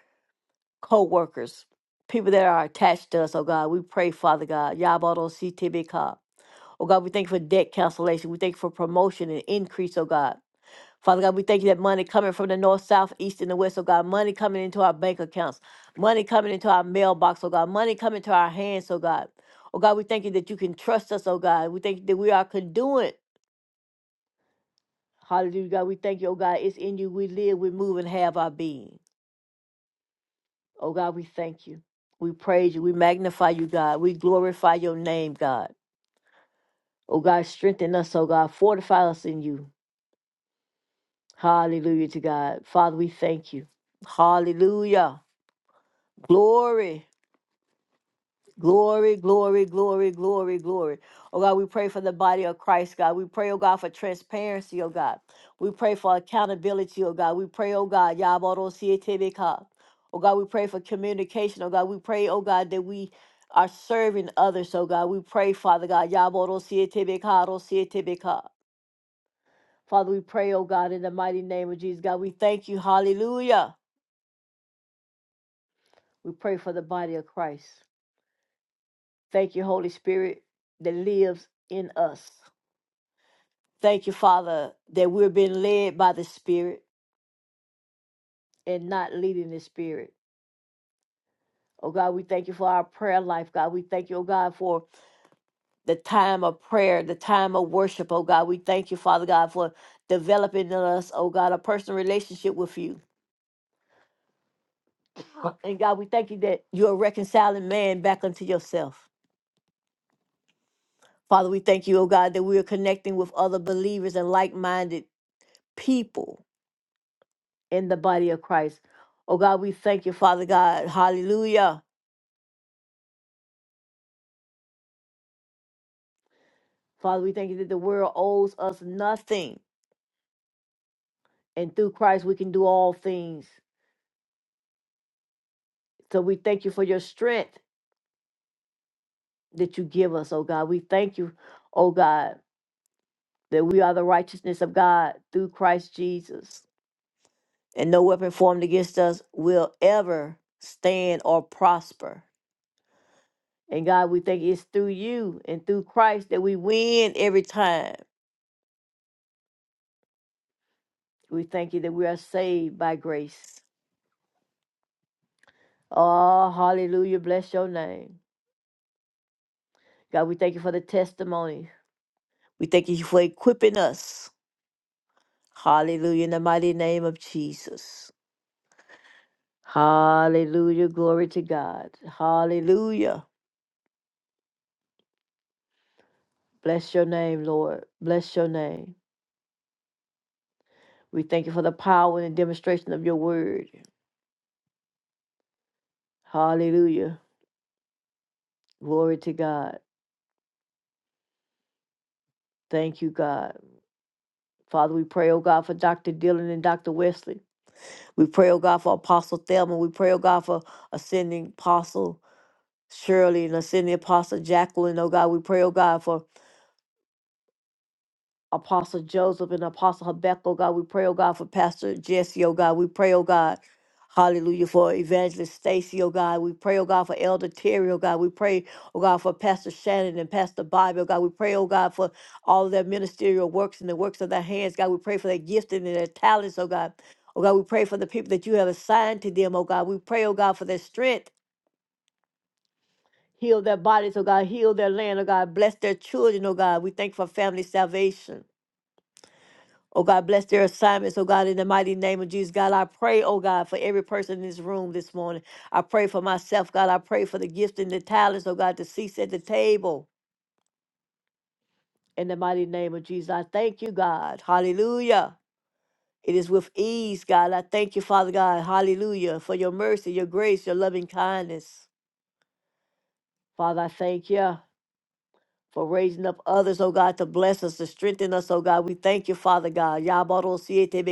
Speaker 1: co workers, people that are attached to us, oh God. We pray, Father God. Yabodo CTBK. Oh God, we thank you for debt cancellation. We thank you for promotion and increase, oh God. Father God, we thank you that money coming from the north, south, east, and the west, oh God. Money coming into our bank accounts. Money coming into our mailbox, oh God. Money coming to our hands, oh God. Oh God, we thank you that you can trust us, oh God. We thank you that we are conduit Hallelujah, God. We thank you, oh God. It's in you we live, we move, and have our being. Oh God, we thank you. We praise you. We magnify you, God. We glorify your name, God. Oh God, strengthen us, oh God. Fortify us in you. Hallelujah to God. Father, we thank you. Hallelujah. Glory. Glory, glory, glory, glory, glory. Oh God, we pray for the body of Christ, God. We pray, oh God, for transparency, oh God. We pray for accountability, oh God. We pray, oh God, Yabarosietebeka. oh God, we pray for communication, oh God. We pray, oh God, that we are serving others, oh God. We pray, Father God, Yabarosietebeka, Rosietebeka. Father, we pray, oh God, in the mighty name of Jesus, God. We thank you, hallelujah. We pray for the body of Christ. Thank you, Holy Spirit, that lives in us. Thank you, Father, that we're being led by the Spirit and not leading the Spirit. Oh God, we thank you for our prayer life, God. We thank you, oh God, for the time of prayer, the time of worship, oh God. We thank you, Father God, for developing in us, oh God, a personal relationship with you. And God, we thank you that you're reconciling man back unto yourself. Father, we thank you, oh God, that we are connecting with other believers and like minded people in the body of Christ. Oh God, we thank you, Father God. Hallelujah Father, we thank you that the world owes us nothing. And through Christ, we can do all things. So we thank you for your strength that you give us, oh God. We thank you, oh God, that we are the righteousness of God through Christ Jesus. And no weapon formed against us will ever stand or prosper. And God, we thank you it's through you and through Christ that we win every time. We thank you that we are saved by grace. Oh, hallelujah. Bless your name. God, we thank you for the testimonies We thank you for equipping us. Hallelujah. In the mighty name of Jesus. Hallelujah. Glory to God. Hallelujah. Bless your name, Lord. Bless your name. We thank you for the power and the demonstration of your word. Hallelujah. Glory to God. Thank you, God. Father, we pray, oh God, for Dr. Dillon and Dr. Wesley. We pray, oh God, for Apostle Thelma. We pray, oh God, for ascending Apostle Shirley and ascending Apostle Jacqueline. Oh God, we pray, oh God, for Apostle Joseph and Apostle Habakkuk, oh God. We pray, oh God, for Pastor Jesse, oh God. We pray, oh God. Hallelujah for Evangelist Stacy, oh God. We pray, oh God, for Elder Terry, oh God. We pray, oh God, for Pastor Shannon and Pastor Bobby, oh God. We pray, oh God, for all of their ministerial works and the works of their hands, God. We pray for their gifting and their talents, oh God. Oh God, we pray for the people that you have assigned to them, oh God. We pray, oh God, for their strength. Heal their bodies, oh God. Heal their land, oh God. Bless their children, oh God. We thank you for family salvation. Oh God, bless their assignments. Oh God, in the mighty name of Jesus, God, I pray, oh God, for every person in this room this morning. I pray for myself, God. I pray for the gifts and the talents, oh God, to cease at the table. In the mighty name of Jesus, I thank you, God. Hallelujah. It is with ease, God. I thank you, Father God. Hallelujah. For your mercy, your grace, your loving kindness. Father, I thank you for raising up others, oh God, to bless us, to strengthen us, oh God. We thank you, Father God. Yabaro siete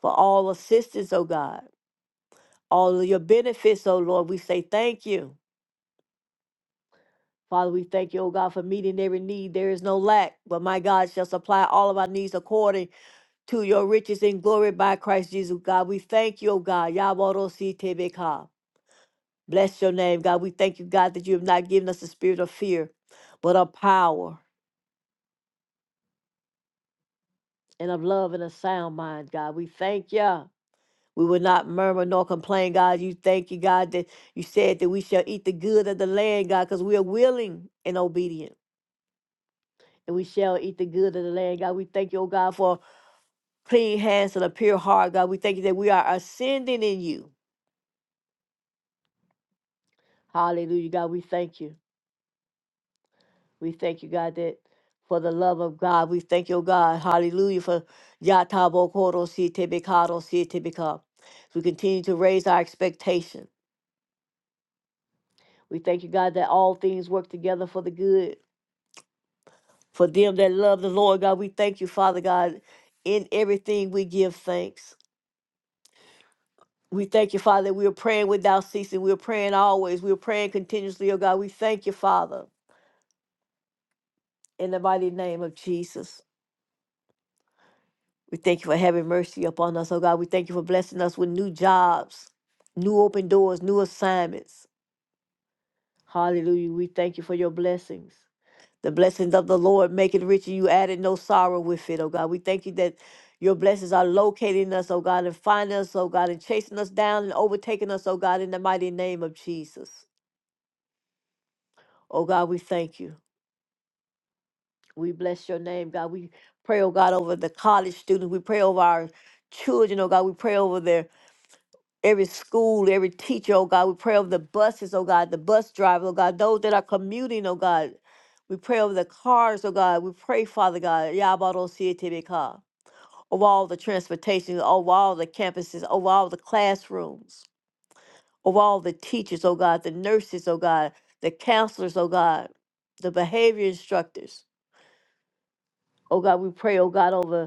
Speaker 1: For all assistance, oh God. all of your benefits, oh Lord. We say thank you. Father, we thank you, oh God, for meeting every need. There is no lack, but my God shall supply all of our needs according to your riches in glory by Christ Jesus, God. We thank you, oh God. Yabarositebeka. Bless your name, God. We thank you, God, that you have not given us a spirit of fear, but of power and of love and a sound mind, God. We thank you. We will not murmur nor complain, God. You thank you, God, that you said that we shall eat the good of the land, God, because we are willing and obedient. and we shall eat the good of the land. God, we thank you, oh God, for clean hands and a pure heart. God, we thank you that we are ascending in you. Hallelujah, God, we thank you. We thank you, God, that for the love of God. We thank you, oh God. Hallelujah, for Yatabo Koro Si Tebekado Si Tebeka. We continue to raise our expectation. We thank you, God, that all things work together for the good. For them that love the Lord, God, we thank you, Father God. In everything we give thanks. We thank you, Father, that we are praying without ceasing. We are praying always. We are praying continuously, oh God. We thank you, Father, in the mighty name of Jesus. We thank you for having mercy upon us, oh God. We thank you for blessing us with new jobs, new open doors, new assignments. Hallelujah. We thank you for your blessings. The blessings of the Lord make it rich, and you added no sorrow with it, oh God. We thank you that your blessings are locating us, oh God, and finding us, oh God, and chasing us down and overtaking us, oh God, in the mighty name of Jesus. Oh God, we thank you. We bless your name, God. We pray, oh God, over the college students. We pray over our children, oh God. We pray over their every school, every teacher, oh God. We pray over the buses, oh God, the bus driver, oh God, those that are commuting, oh God. We pray over the cars, oh God. We pray, Father God, Yabarosietebeka, over all the transportation, over all the campuses, over all the classrooms, over all the teachers, oh God, the nurses, oh God, the counselors, oh God, the behavior instructors. Oh God, we pray, oh God, over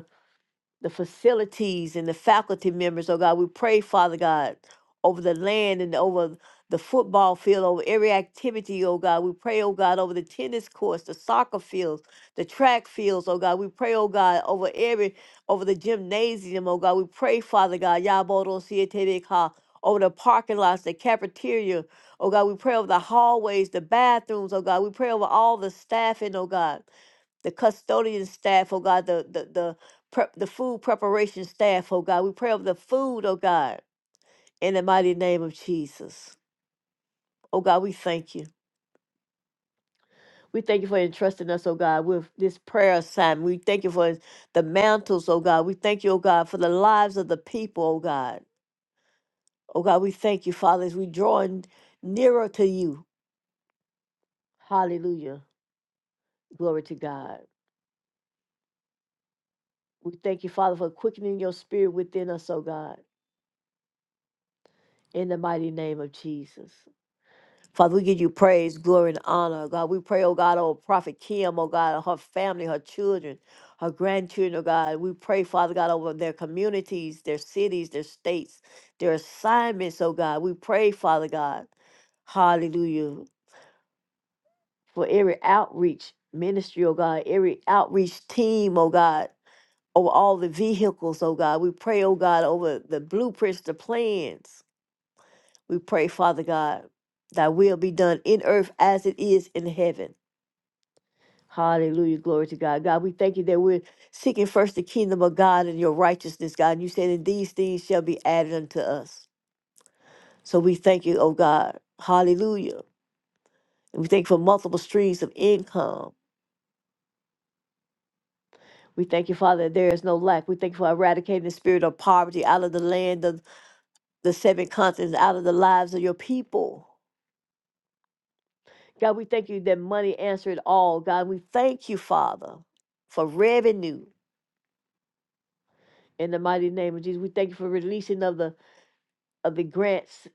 Speaker 1: the facilities and the faculty members, oh God. We pray, Father God, over the land and over the football field, over every activity, oh God. We pray, oh God, over the tennis courts, the soccer fields, the track fields, oh God. We pray, oh God, over every over the gymnasium, oh God. We pray, Father God, Yabodo Sietebeka, over the parking lots, the cafeteria, oh God. We pray over the hallways, the bathrooms, oh God. We pray over all the staffing, oh God the custodian staff, oh God, the the the prep, the food preparation staff, oh God. We pray over the food, oh God, in the mighty name of Jesus. Oh God, we thank you. We thank you for entrusting us, oh God, with this prayer assignment. We thank you for the mantles, oh God. We thank you, oh God, for the lives of the people, oh God. Oh God, we thank you, Father, as we draw n- nearer to you. Hallelujah. Glory to God. We thank you, Father, for quickening your spirit within us, oh God, in the mighty name of Jesus. Father, we give you praise, glory, and honor. God, we pray, oh God, oh Prophet Kim, oh God, and her family, her children, her grandchildren, oh God. We pray, Father God, over their communities, their cities, their states, their assignments, oh God. We pray, Father God, hallelujah, for every outreach ministry, oh God, every outreach team, oh God, over all the vehicles, oh God. We pray, oh God, over the blueprints, the plans. We pray, Father God, thy will be done in earth as it is in heaven. Hallelujah. Glory to God. God, we thank you that we're seeking first the kingdom of God and your righteousness, God. And you said, and these things shall be added unto us. So we thank you, oh God. Hallelujah. And we thank you for multiple streams of income. We thank you, Father, that there is no lack. We thank you for eradicating the spirit of poverty out of the land of the seven continents, out of the lives of your people. God, we thank you that money answered all. God, we thank you, Father, for revenue in the mighty name of Jesus. We thank you for releasing of the of the grants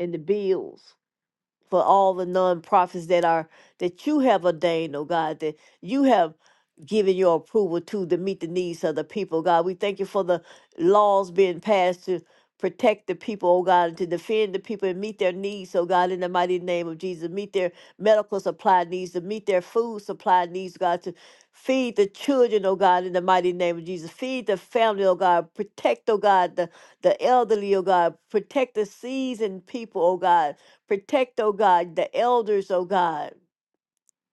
Speaker 1: and the bills. for all the nonprofits that are that you have ordained, oh God, that you have given your approval to to meet the needs of the people, God. We thank you for the laws being passed to protect the people, oh God, and to defend the people and meet their needs, oh God, in the mighty name of Jesus. Meet their medical supply needs, to meet their food supply needs, God, to feed the children, oh God, in the mighty name of Jesus. Feed the family, oh God. Protect, oh God, the, the elderly, oh God. Protect the seasoned people, oh God Protect, oh God, the elders, oh God,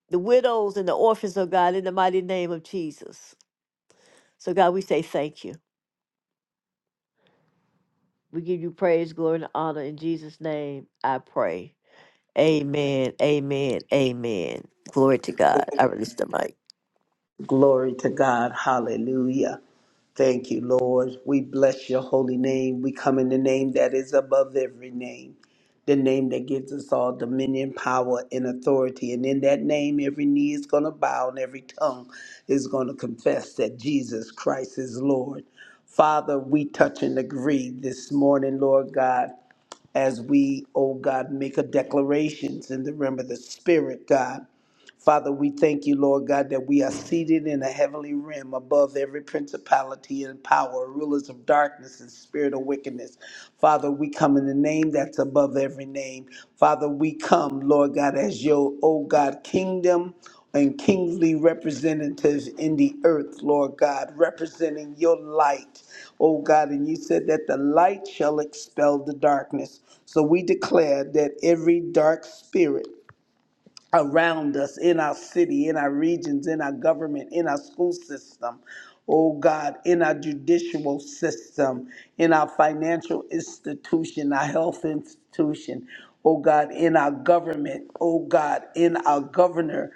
Speaker 1: the widows and the orphans, oh God, in the mighty name of Jesus. So, God, we say thank you. We give you praise, glory, and honor. In Jesus' name, I pray. Amen, amen, amen. Glory to God. I release the mic.
Speaker 2: Glory to God. Hallelujah. Thank you, Lord. We bless your holy name. We come in the name that is above every name, the name that gives us all dominion, power, and authority. And in that name, every knee is going to bow and every tongue is going to confess that Jesus Christ is Lord. Father, we touch and agree this morning, Lord God, as we, oh God, make a declarations in the realm of the Spirit, God. Father, we thank you, Lord God, that we are seated in a heavenly realm above every principality and power, rulers of darkness and spirit of wickedness. Father, we come in the name that's above every name. Father, we come, Lord God, as your, oh God, kingdom and kingly representatives in the earth, Lord God, representing your light, oh God. And you said that the light shall expel the darkness. So we declare that every dark spirit, around us, in our city, in our regions, in our government, in our school system, oh God, in our judicial system, in our financial institution, our health institution, oh God, in our government, oh God, in our governor's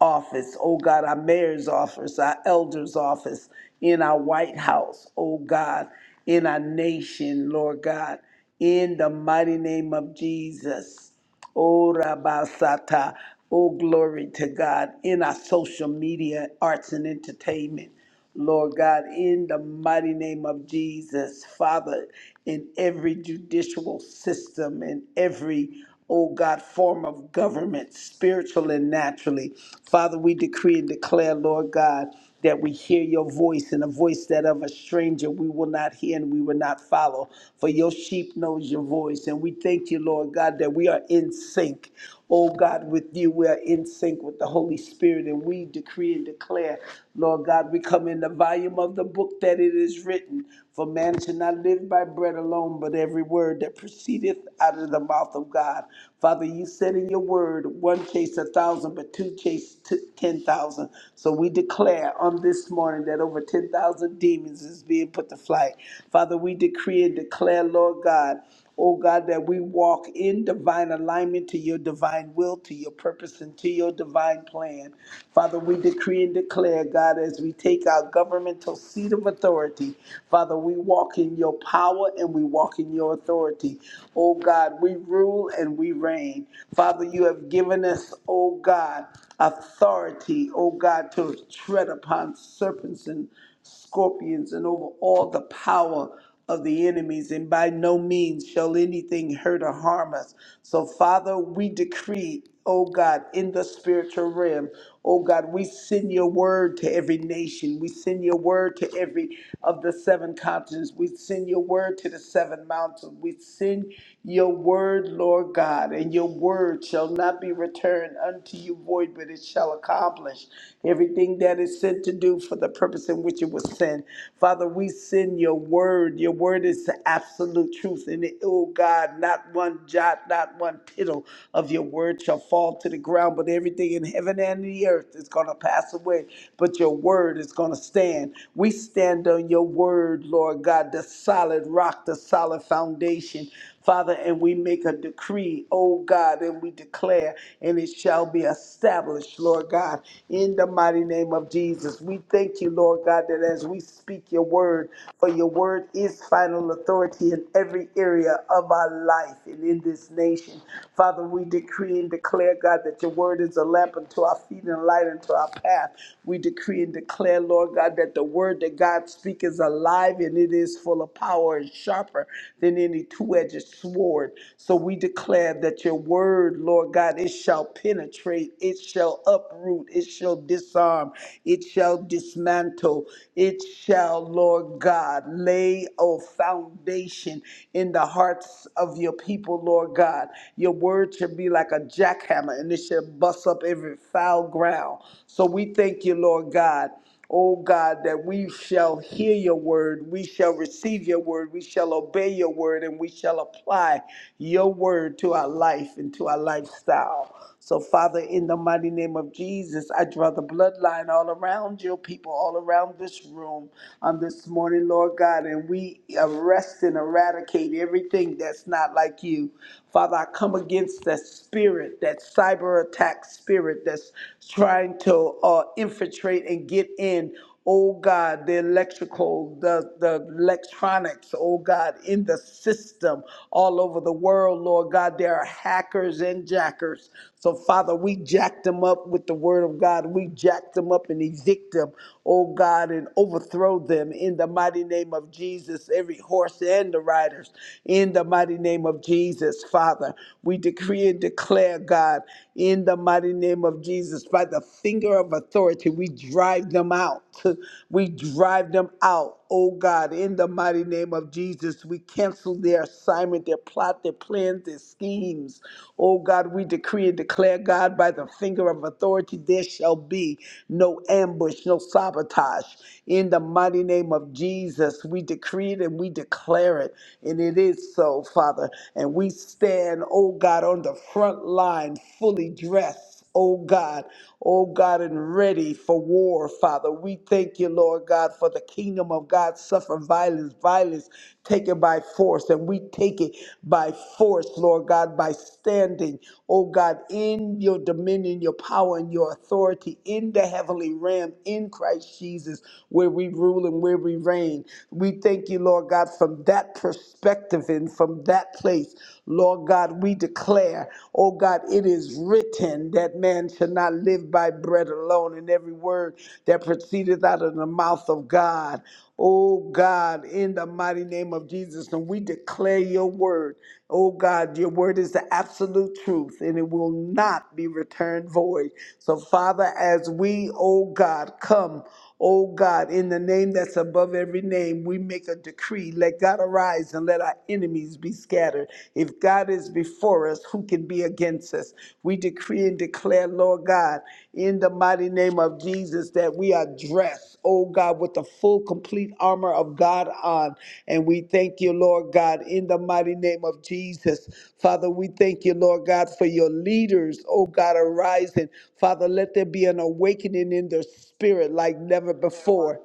Speaker 2: office, oh God, our mayor's office, our elder's office, in our White House, oh God, in our nation, Lord God, in the mighty name of Jesus. Oh, Rabasata. Oh, glory to God in our social media, arts, and entertainment. Lord God, in the mighty name of Jesus, Father, in every judicial system, in every, oh God, form of government, spiritual and naturally, Father, we decree and declare, Lord God that we hear your voice and a voice that of a stranger we will not hear and we will not follow. For your sheep knows your voice. And we thank you, Lord God, that we are in sync. Oh God, with you, we are in sync with the Holy Spirit, and we decree and declare, Lord God, we come in the volume of the book that it is written. For man shall not live by bread alone, but every word that proceedeth out of the mouth of God. Father, you said in your word, one chase a thousand, but two chase two t- 10,000. So we declare on this morning that over 10,000 demons is being put to flight. Father, we decree and declare, Lord God, oh God, that we walk in divine alignment to your divine will, to your purpose, and to your divine plan. Father, we decree and declare, God, as we take our governmental seat of authority, Father, we walk in your power and we walk in your authority. Oh God, we rule and we reign. Father, you have have given us, oh God, authority, oh God, to tread upon serpents and scorpions and over all the power of the enemies, and by no means shall anything hurt or harm us. So, Father, we decree, oh God, in the spiritual realm. Oh God, we send your word to every nation. We send your word to every of the seven continents. We send your word to the seven mountains. We send your word, Lord God, and your word shall not be returned unto you void, but it shall accomplish everything that is sent to do for the purpose in which it was sent. Father, we send your word. Your word is the absolute truth. And it, oh God, not one jot, not one tittle of your word shall fall to the ground, but every everything in heaven and the earth is going to pass away, but your word is going to stand. We stand on your word, Lord God, the solid rock, the solid foundation. Father, and we make a decree, oh God, and we declare, and it shall be established, Lord God, in the mighty name of Jesus. We thank you, Lord God, that as we speak your word, for your word is final authority in every area of our life and in this nation. Father, we decree and declare declare, God, that your word is a lamp unto our feet and a light unto our path. We decree and declare, Lord God, that the word that God speaks is alive and it is full of power and sharper than any two edged sword. So we declare that your word, Lord God, it shall penetrate, it shall uproot, it shall disarm, it shall dismantle, it shall, Lord God, lay a foundation in the hearts of your people, Lord God. Your word word should be like a jackhammer and it should bust up every foul ground. So we thank you, Lord God. Oh God, that we shall hear your word, we shall receive your word, we shall obey your word, and we shall apply your word to our life and to our lifestyle. So, Father, in the mighty name of Jesus, I draw the bloodline all around your people, all around this room on this morning, Lord God, and we arrest and eradicate everything that's not like you. Father, I come against that spirit, that cyber attack spirit that's trying to uh, infiltrate and get in oh God, the electrical, the, the electronics, oh God, in the system all over the world, Lord God, there are hackers and jackers. So, Father, we jacked them up with the word of God. We jacked them up and evict them, oh God, and overthrow them in the mighty name of Jesus, every horse and the riders, in the mighty name of Jesus, Father. We decree and declare, God, in the mighty name of Jesus, by the finger of authority, we drive them out. We drive them out oh God, in the mighty name of Jesus, we cancel their assignment, their plot, their plans, their schemes. Oh God, we decree and declare, God, by the finger of authority, there shall be no ambush, no sabotage. In the mighty name of Jesus, we decree it and we declare it. And it is so, Father. And we stand, oh God, on the front line, fully dressed hearts, oh God, oh God, and ready for war, Father. We thank you, Lord God, for the kingdom of God suffer violence, violence taken by force, and we take it by force, Lord God, by standing, oh God, in your dominion, your power, and your authority in the heavenly realm in Christ Jesus, where we rule and where we reign. We thank you, Lord God, from that perspective and from that place, Lord God. God, we declare, oh God, it is written that man shall not live by bread alone, and every word that proceedeth out of the mouth of God. Oh God, in the mighty name of Jesus, and we declare your word. Oh God, your word is the absolute truth, and it will not be returned void. So, Father, as we, oh God, come. Oh God, in the name that's above every name, we make a decree. Let God arise and let our enemies be scattered. If God is before us, who can be against us? We decree and declare, Lord God, in the mighty name of Jesus, that we are dressed rest, oh God, with the full, complete armor of God on. And we thank you, Lord God, in the mighty name of Jesus. Father, we thank you, Lord God, for your leaders, oh God, arising. Father, let there be an awakening in their spirit like never before.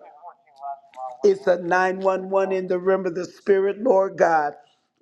Speaker 2: It's a 911 in the realm of the spirit, Lord God.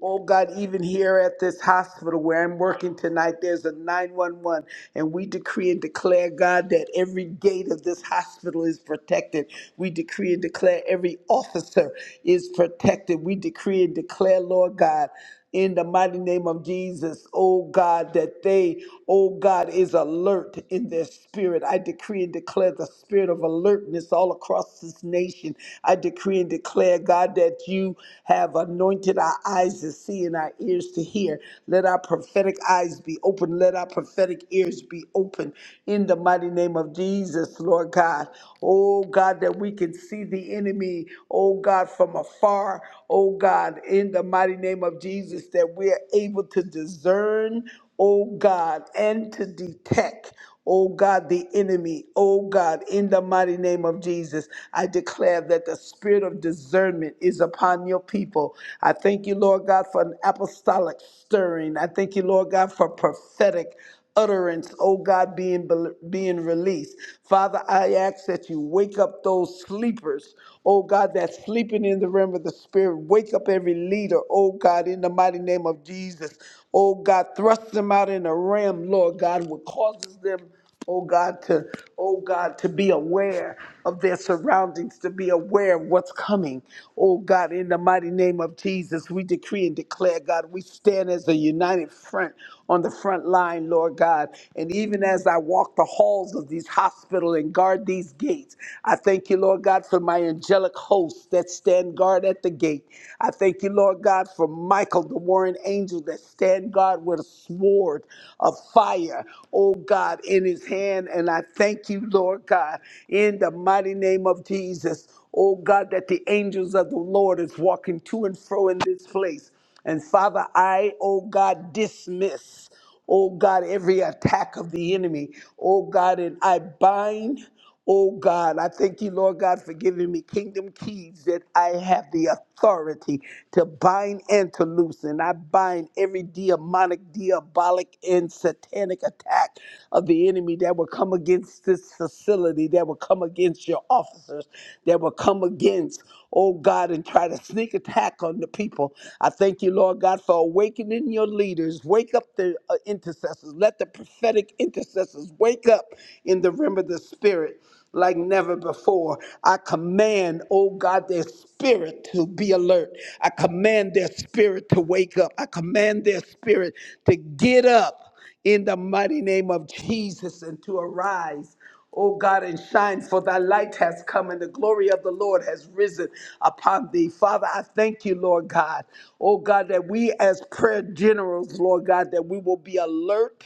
Speaker 2: Oh God, even here at this hospital where I'm working tonight, there's a 911, and we decree and declare, God, that every gate of this hospital is protected. We decree and declare every officer is protected. We decree and declare, Lord God, in the mighty name of Jesus, oh God, that they oh God, is alert in their spirit. I decree and declare the spirit of alertness all across this nation. I decree and declare, God, that you have anointed our eyes to see and our ears to hear. Let our prophetic eyes be open. Let our prophetic ears be open in the mighty name of Jesus, Lord God. Oh God, that we can see the enemy, oh God, from afar. Oh God, in the mighty name of Jesus, that we are able to discern oh God, and to detect, oh God, the enemy, oh God, in the mighty name of Jesus. I declare that the spirit of discernment is upon your people. I thank you, Lord God, for an apostolic stirring. I thank you, Lord God, for prophetic utterance, oh God, being, being released. Father, I ask that you wake up those sleepers, oh God, that's sleeping in the realm of the Spirit. Wake up every leader, oh God, in the mighty name of Jesus. Oh God, thrust them out in a realm, Lord God, what causes them oh God, to oh God, to be aware of their surroundings, to be aware of what's coming. Oh God, in the mighty name of Jesus, we decree and declare, God, we stand as a united front on the front line, Lord God. And even as I walk the halls of these hospital and guard these gates, I thank you, Lord God, for my angelic hosts that stand guard at the gate. I thank you, Lord God, for Michael, the warring angel that stand guard with a sword of fire. Oh God. God, in his hand. And I thank you, Lord God, in the mighty name of Jesus. Oh God, that the angels of the Lord is walking to and fro in this place. And Father, I, oh God, dismiss, oh God, every attack of the enemy. Oh God, and I bind. Oh God, I thank you, Lord God, for giving me kingdom keys that I have the authority to bind and to loosen. I bind every demonic, diabolic, and satanic attack of the enemy that will come against this facility, that will come against your officers, that will come against, oh God, and try to sneak attack on the people. I thank you, Lord God, for awakening your leaders. Wake up the uh, intercessors. Let the prophetic prophetic intercessors wake up in the realm of the spirit like never before. I command, oh God, their spirit to be alert. I command their spirit to wake up. I command their spirit to get up in the mighty name of Jesus and to arise. O God, and shine, for thy light has come and the glory of the Lord has risen upon thee. Father, I thank you, Lord God. O God, that we as prayer generals, Lord God, that we will be alert,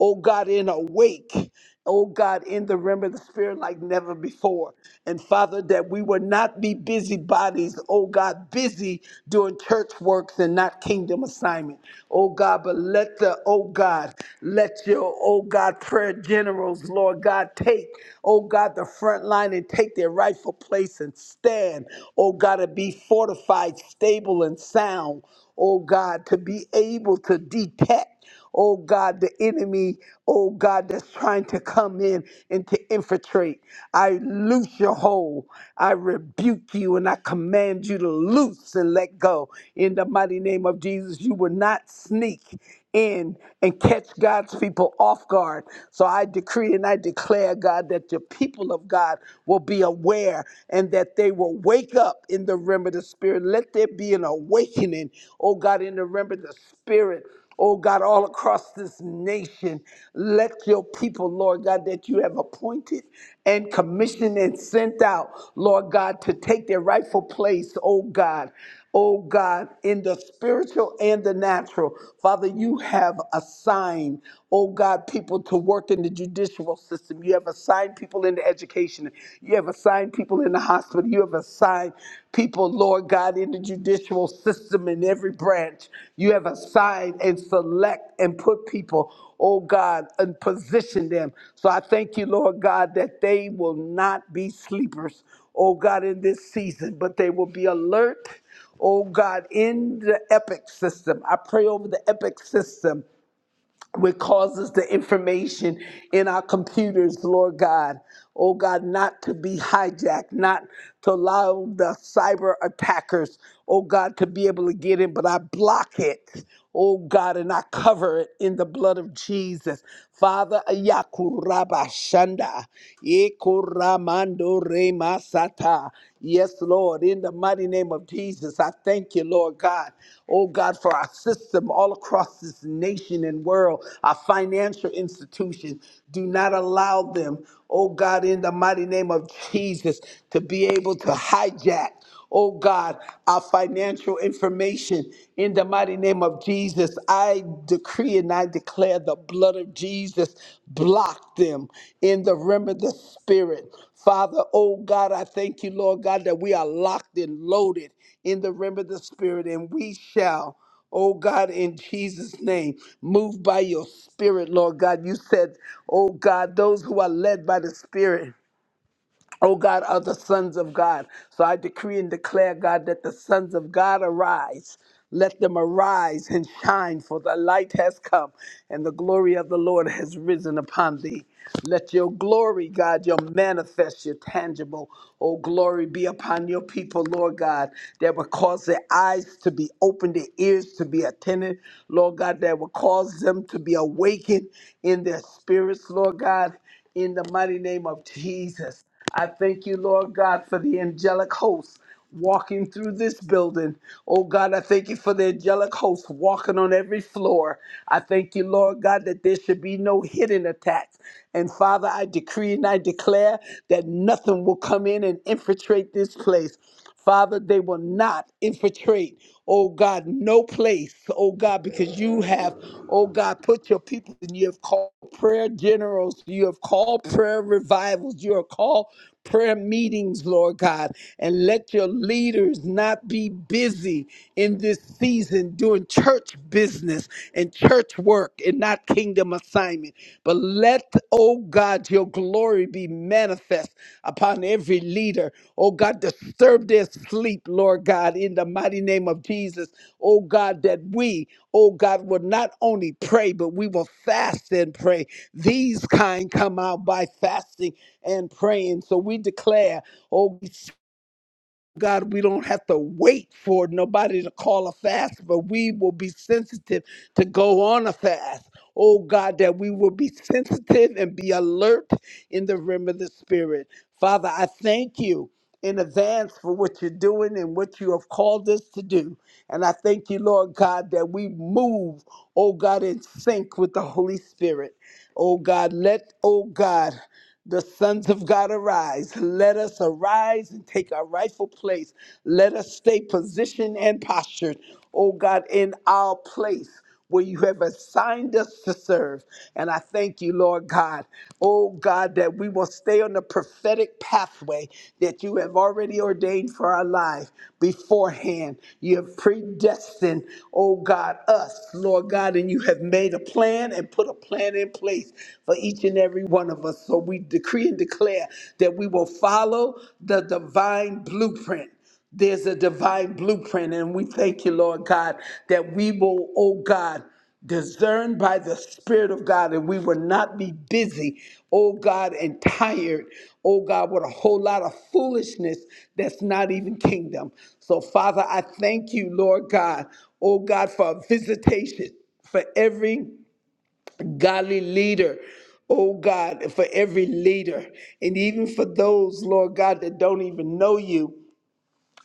Speaker 2: O God, and awake. O God, in the realm of the Spirit like never before. And Father, that we will not be busybodies, O God, busy doing church works and not kingdom assignment. O God, but let the, O God, let your, O God, prayer general generals, Lord God, take, oh God, the front line and take their rightful place and stand, oh God, to be fortified, stable, and sound, oh God, to be able to detect oh God, the enemy, oh God, that's trying to come in and to infiltrate. I loose your hold. I rebuke you and I command you to loose and let go. In the mighty name of Jesus, you will not sneak in and catch God's people off guard. So I decree and I declare, God, that the people of God will be aware and that they will wake up in the realm of the Spirit. Let there be an awakening, oh God, in the realm of the Spirit. Oh God, all across this nation, let your people, Lord God, that you have appointed and commissioned and sent out, Lord God, to take their rightful place, oh God. Oh God, in the spiritual and the natural, Father, you have assigned, oh God, people to work in the judicial system. You have assigned people in the education. You have assigned people in the hospital. You have assigned people, Lord God, in the judicial system in every branch. You have assigned and select and put people, oh God, and position them. So I thank you, Lord God, that they will not be sleepers, oh God, in this season, but they will be alert Oh God, in the EPIC system, I pray over the EPIC system, which causes the information in our computers, Lord God. Oh God, not to be hijacked, not to allow the cyber attackers, oh God, to be able to get in, but I block it. Oh God, and I cover it in the blood of Jesus. Father, Ayakuraba Shanda, Ekuramando Sata. Yes, Lord, in the mighty name of Jesus, I thank you, Lord God. Oh God, for our system all across this nation and world, our financial institutions. Do not allow them, oh God, in the mighty name of Jesus, to be able to hijack oh God, our financial information in the mighty name of Jesus. I decree and I declare the blood of Jesus block them in the realm of the spirit. Father, oh God, I thank you, Lord God, that we are locked and loaded in the realm of the spirit, and we shall. Oh God, in Jesus' name, move by your spirit, Lord God. You said, Oh God, those who are led by the spirit. O God, are the sons of God. So I decree and declare, God, that the sons of God arise. Let them arise and shine, for the light has come, and the glory of the Lord has risen upon thee. Let your glory, God, your manifest, your tangible, oh glory be upon your people, Lord God, that will cause their eyes to be opened, their ears to be attentive, Lord God, that will cause them to be awakened in their spirits, Lord God, in the mighty name of Jesus. I thank you, Lord God, for the angelic hosts walking through this building. Oh God, I thank you for the angelic hosts walking on every floor. I thank you, Lord God, that there should be no hidden attacks. And Father, I decree and I declare that nothing will come in and infiltrate this place. Father, they will not infiltrate, oh God, no place, oh God, because you have, oh God, put your people and you have called prayer generals, you have called prayer revivals, you have called prayer meetings, Lord God, and let your leaders not be busy in this season doing church business and church work and not kingdom assignment. But let, oh God, your glory be manifest upon every leader. Oh God, disturb their sleep, Lord God, in the mighty name of Jesus. Oh God, that we, oh God, will not only pray, but we will fast and pray. These kind come out by fasting and praying. So we declare, oh, God, we don't have to wait for nobody to call a fast, but we will be sensitive to go on a fast. Oh God, that we will be sensitive and be alert in the realm of the Spirit. Father, I thank you in advance for what you're doing and what you have called us to do. And I thank you, Lord God, that we move, oh God, in sync with the Holy Spirit. Oh God, let, oh God, the sons of God arise. Let us arise and take our rightful place. Let us stay positioned and postured, oh God, in our place where you have assigned us to serve. And I thank you, Lord God, oh God, that we will stay on the prophetic pathway that you have already ordained for our life beforehand. You have predestined, oh God, us, Lord God, and you have made a plan and put a plan in place for each and every one of us. So we decree and declare that we will follow the divine blueprint there's a divine blueprint, and we thank you, Lord God, that we will, oh God, discern by the Spirit of God, and we will not be busy, oh God, and tired, oh God, with a whole lot of foolishness that's not even kingdom. So, Father, I thank you, Lord God, oh God, for a visitation for every godly leader. Oh God, for every leader, and even for those, Lord God, that don't even know you,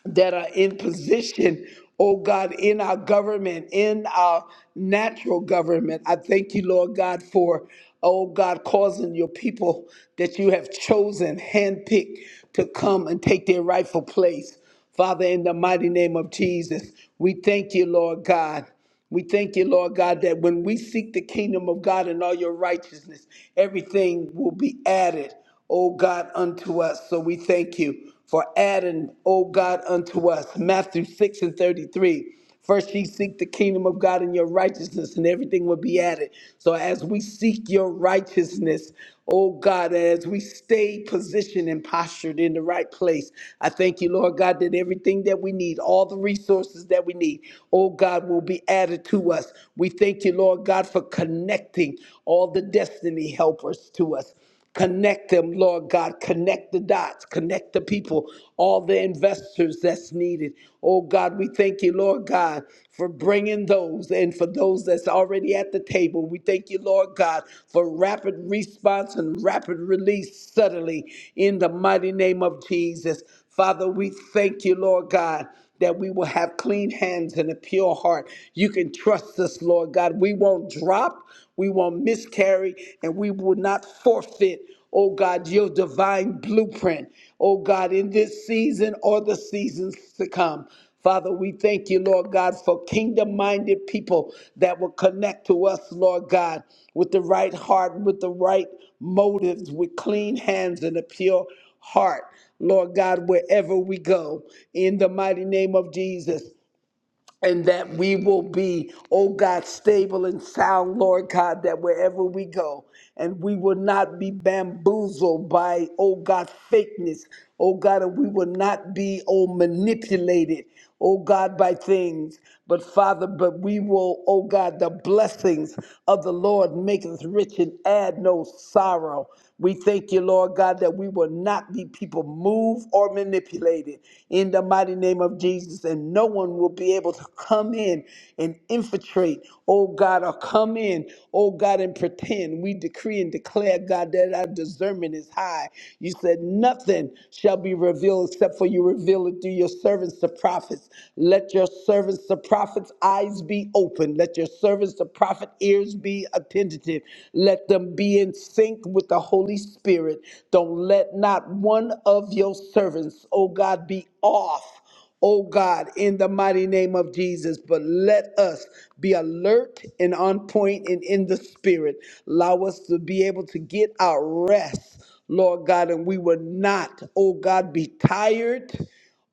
Speaker 2: that are in position, oh God, in our government, in our natural government. I thank you, Lord God, for, oh God, causing your people that you have chosen, handpicked, to come and take their rightful place. Father, in the mighty name of Jesus, we thank you, Lord God. We thank you, Lord God, that when we seek the kingdom of God and all your righteousness, everything will be added, O God, unto us. So we thank you for adding, O God, unto us. Matthew 6 and 33. First, ye seek the kingdom of God and your righteousness, and everything will be added. So, as we seek your righteousness, oh God, as we stay positioned and postured in the right place, I thank you, Lord God, that everything that we need, all the resources that we need, oh God, God, will be added to us. We thank you, Lord God, for connecting all the destiny helpers to us. Connect them, Lord God. Connect the dots. Connect the people, all the investors that's needed. Oh God, we thank you, Lord God, for bringing those and for those that's already at the table. We thank you, Lord God, for rapid response and rapid release suddenly in the mighty name of Jesus. Father, we thank you, Lord God that we will have clean hands and a pure heart. You can trust us, Lord God. We won't drop, we won't miscarry, and we will not forfeit, oh God, your divine blueprint, oh God, in this season or the seasons to come. Father, we thank you, Lord God, for kingdom minded people that will connect to us, Lord God, with the right heart, with the right motives, with clean hands and a pure heart. Lord God, wherever we go, in the mighty name of Jesus. And that we will be, oh God, stable and sound, Lord God, that wherever we go, and we will not be bamboozled by, oh God, fakeness, oh God, and we will not be, oh, manipulated, oh God, by things. But Father, but we will, oh God, the blessings of the Lord maketh rich and add no sorrow. We thank you, Lord God, that we will not be people moved or manipulated in the mighty name of Jesus. And no one will be able to come in and infiltrate, oh God, or come in, oh God, and pretend. We decree and declare, God, that our discernment is high. You said, Nothing shall be revealed except for you reveal it through your servants, the prophets. Let your servants, the prophets' eyes be open. Let your servants, the prophet ears be attentive. Let them be in sync with the Holy Spirit. Don't let not one of your servants, oh God, be off oh God, in the mighty name of Jesus. But let us be alert and on point and in the spirit. Allow us to be able to get our rest, Lord God, and we will not, oh God, be tired,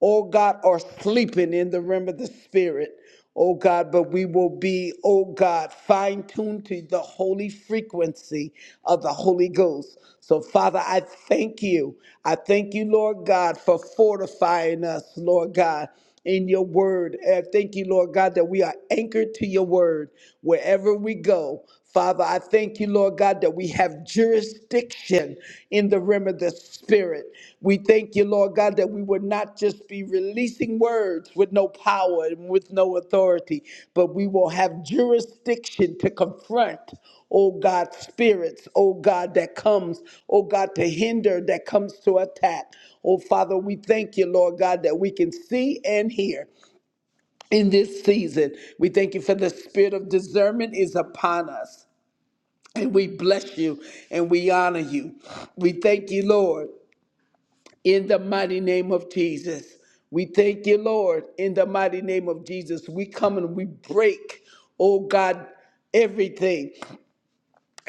Speaker 2: oh God, or sleeping in the realm of the spirit oh God, but we will be, oh God, fine tuned to the holy frequency of the Holy Ghost. So, Father, I thank you. I thank you, Lord God, for fortifying us, Lord God. In your word. I thank you, Lord God, that we are anchored to your word wherever we go. Father, I thank you, Lord God, that we have jurisdiction in the realm of the Spirit. We thank you, Lord God, that we would not just be releasing words with no power and with no authority, but we will have jurisdiction to confront, oh God, spirits, oh God, that comes, oh God, to hinder, that comes to attack. Oh Father, we thank you, Lord God, that we can see and hear in this season. We thank you for the spirit of discernment is upon us. And we bless you and we honor you. We thank you, Lord, in the mighty name of Jesus. We thank you, Lord, in the mighty name of Jesus. We come and we break, oh God, everything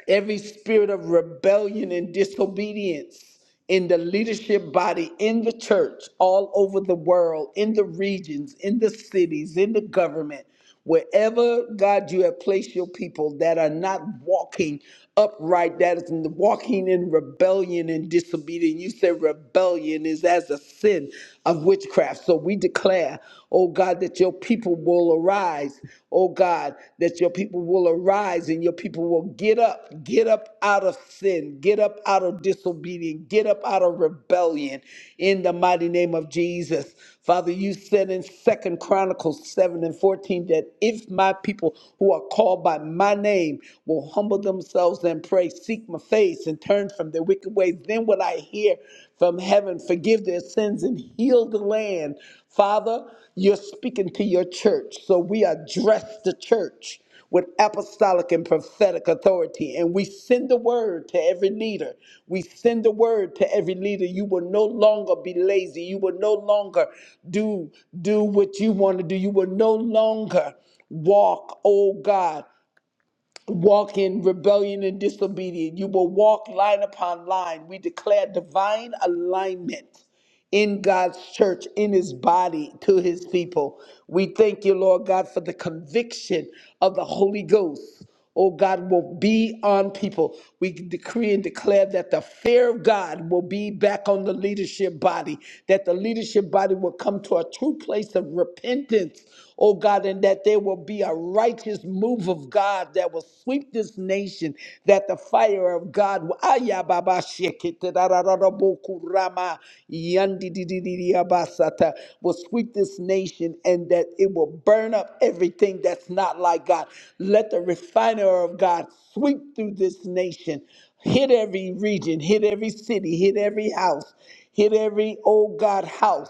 Speaker 2: every spirit of rebellion and disobedience in the leadership body, in the church, all over the world, in the regions, in the cities, in the government, wherever God you have placed your people that are not walking upright, that is walking in rebellion and disobedience. You said rebellion is as a sin of witchcraft. So we declare, oh God, that your that your people will arise, oh God, that your people will arise and your people will get up, get up out of sin, get up out of disobedience, get up out of rebellion in the mighty name of Jesus. Father, you said in Second Chronicles 7 and 14 that if my people who are called by my name will humble themselves and pray, seek my face and turn from their wicked ways, then will I I hear from heaven, forgive their sins and heal the land. Father, you're speaking to your church, so we address the church with apostolic and prophetic authority. And we send the word to every leader. We send the word to every leader. You will no longer be lazy. You will no longer do, do what you want to do. You will no longer walk, oh God walk in rebellion and disobedience. You will walk line upon line. We declare divine alignment in God's church, in his body, to his people. We thank you, Lord God, for the conviction of the Holy Ghost. Oh God, will be on people. We decree and declare that the fear of God will be back on the leadership body, that the leadership body will come to a true place of repentance, oh God, and that there will be a righteous move of God that will sweep this nation, that the fire of God will kurama yandididididiyabasata, will sweep this nation and that it will burn up everything that's not like God. Let the refiner of God sweep through this nation, hit every region, hit every city, hit every house, hit every old God house.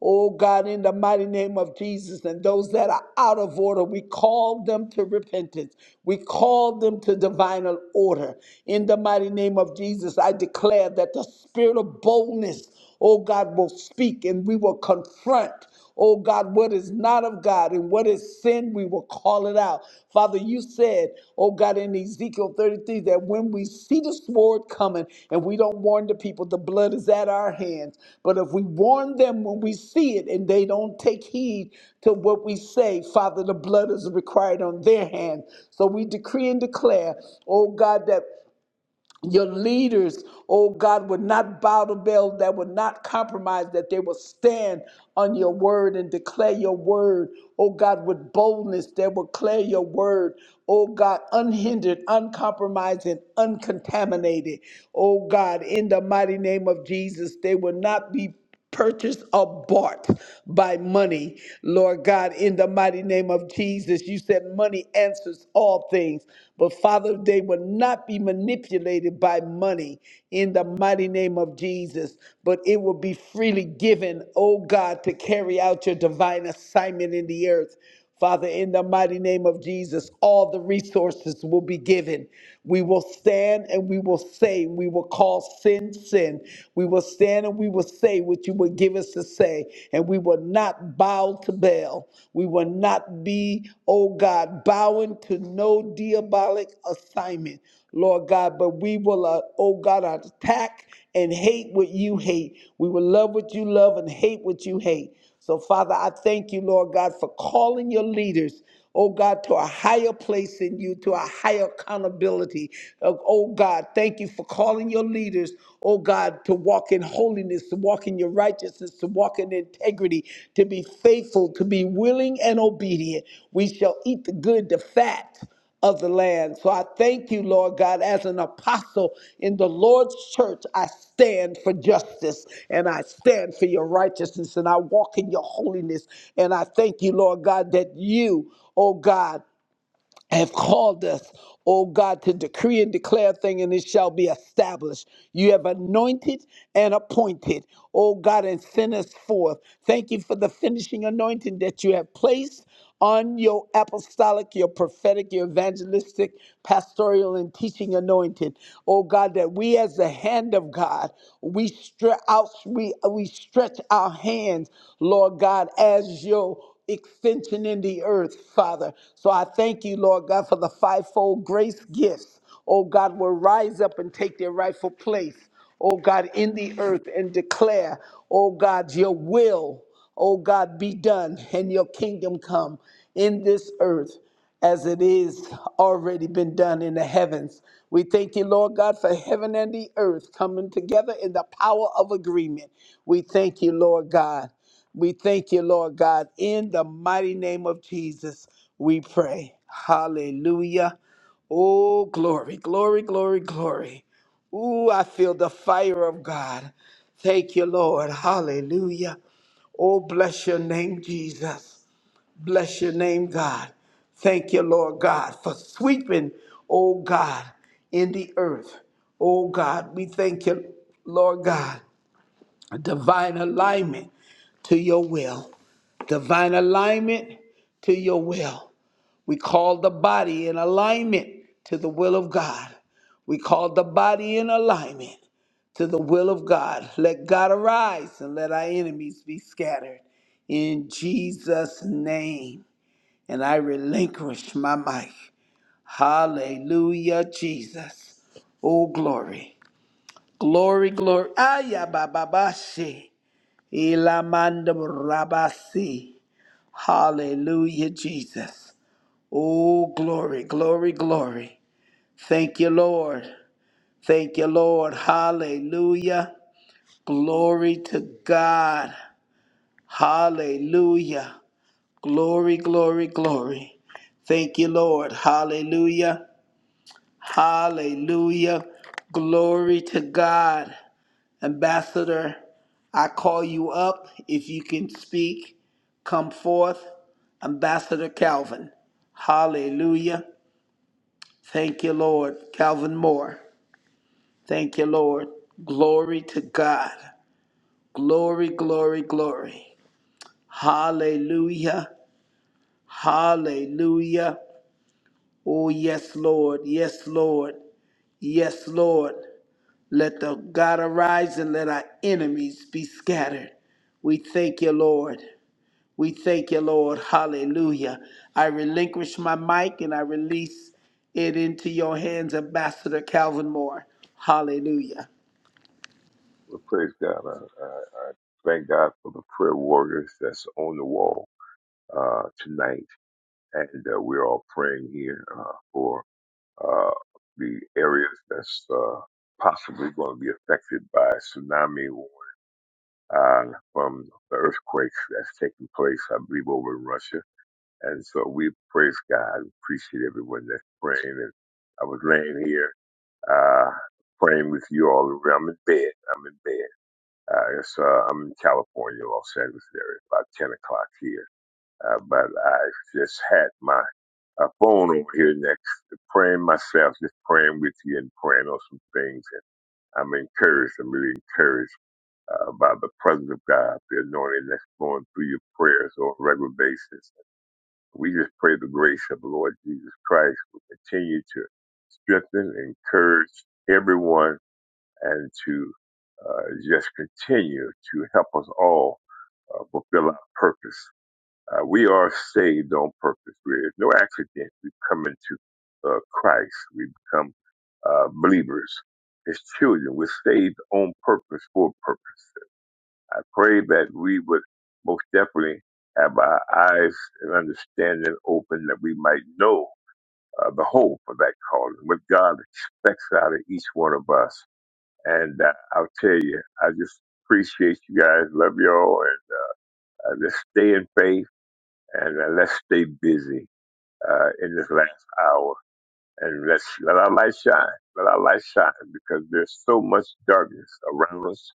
Speaker 2: Oh God, in the mighty name of Jesus, and those that are out of order, we call them to repentance. We call them to divine order. In the mighty name of Jesus, I declare that the spirit of boldness, oh God, will speak and we will confront. Oh God, what is not of God and what is sin, we will call it out. Father, you said, oh God, in Ezekiel 33, that when we see the sword coming and we don't warn the people, the blood is at our hands. But if we warn them when we see it and they don't take heed to what we say, Father, the blood is required on their hands. So we decree and declare, oh God, that your leaders, oh God, would not bow to Baal, that would not compromise, that they will stand on your word and declare your word, oh God, with boldness, they will declare your word, oh God, unhindered, uncompromising, uncontaminated, oh God, in the mighty name of Jesus, they will not be purchased or bought by money. Lord God, in the mighty name of Jesus, you said money answers all things. But Father, they will not be manipulated by money in the mighty name of Jesus, but it will be freely given, oh God, to carry out your divine assignment in the earth. Father, in the mighty name of Jesus, all the resources will be given. We will stand and we will say, we will call sin, sin. We will stand and we will say what you would give us to say, and we will not bow to Baal. We will not be, oh God, bowing to no diabolic assignment, Lord God, but we will, uh, oh God, attack and hate what you hate. We will love what you love and hate what you hate. So, Father, I thank you, Lord God, for calling your leaders, oh God, to a higher place in you, to a higher accountability. Uh, Oh God, thank you for calling your leaders, oh God, to walk in holiness, to walk in your righteousness, to walk in integrity, to be faithful, to be willing and obedient. We shall eat the good, the fat of the land. So I thank you, Lord God, as an apostle in the Lord's church, I stand for justice and I stand for your righteousness and I walk in your holiness. And I thank you, Lord God, that you, oh God, have called us, O God, to decree and declare a thing, and it shall be established. You have anointed and appointed, O God, and sent us forth. Thank you for the finishing anointing that you have placed on your apostolic, your prophetic, your evangelistic, pastoral, and teaching anointing. Oh God, that we as the hand of God, we stretch out, we, we stretch our hands, Lord God, as your extension in the earth, Father. So I thank you, Lord God, for the fivefold grace gifts. Oh God, will rise up and take their rightful place, oh God, in the earth and declare, oh God, your will, oh God, be done and your kingdom come in this earth as it is already been done in the heavens. We thank you, Lord God, for heaven and the earth coming together in the power of agreement. We thank you, Lord God. We thank you, Lord God. In the mighty name of Jesus, we pray. Hallelujah. Oh, glory, glory, glory, glory. Ooh, I feel the fire of God. Thank you, Lord. Hallelujah. Oh, bless your name, Jesus. Bless your name, God. Thank you, Lord God, for sweeping, oh God, in the earth. Oh God, we thank you, Lord God divine alignment to your will. Divine alignment to your will. We call the body in alignment to the will of God. We call the body in alignment to the will of God. Let God arise and let our enemies be scattered. In Jesus' name. And I relinquish my mic. Hallelujah, Jesus. Oh, glory. Glory, glory. Ayah, ba, ba, ba, she. Ilamandam Rabasi. Hallelujah, Jesus. Oh, glory, glory, glory. Thank you, Lord. Thank you, Lord. Hallelujah. Glory to God. Hallelujah. Glory, glory, glory. Thank you, Lord. Hallelujah. Hallelujah. Glory to God. Ambassador, I call you up. If you can speak, come forth. Ambassador Calvin. Hallelujah. Thank you, Lord. Calvin Moore. Thank you, Lord. Glory to God. Glory, glory, glory. Hallelujah. Hallelujah. Oh, yes, Lord. Yes, Lord. Yes, Lord. Let the God arise and let our enemies be scattered. We thank you, Lord. We thank you, Lord. Hallelujah. I relinquish my mic and I release it into your hands, Ambassador Calvin Moore. Hallelujah.
Speaker 3: Well, praise God. I, I, I thank God for the prayer warriors that's on the wall uh, tonight, and uh, we're all praying here uh, for uh, the areas that's uh, possibly going to be affected by tsunami warning uh, from the earthquakes that's taking place, I believe, over in Russia. And so we praise God. Appreciate everyone that's praying. And I was laying here uh, praying with you all around. I'm in bed. I'm in bed uh, it's, uh, I'm in California, Los Angeles area, about 10 o'clock here. Uh, but I just had my uh, phone over here next, to praying myself, just praying with you and praying on some things. And I'm encouraged. I'm really encouraged uh, by the presence of God, the anointing that's going through your prayers on a regular basis. We just pray the grace of the Lord Jesus Christ will continue to strengthen, encourage everyone, and to uh, just continue to help us all uh, fulfill our purpose. Uh, we are saved on purpose. We're no accident. We come into uh, Christ. We become uh, believers, His children. We're saved on purpose for a purpose. I pray that we would most definitely have our eyes and understanding open that we might know uh, the hope of that calling, what God expects out of each one of us. And uh, I'll tell you, I just appreciate you guys. Love y'all. And uh, just stay in faith and uh, let's stay busy uh, in this last hour and let's let our light shine let our light shine because there's so much darkness around us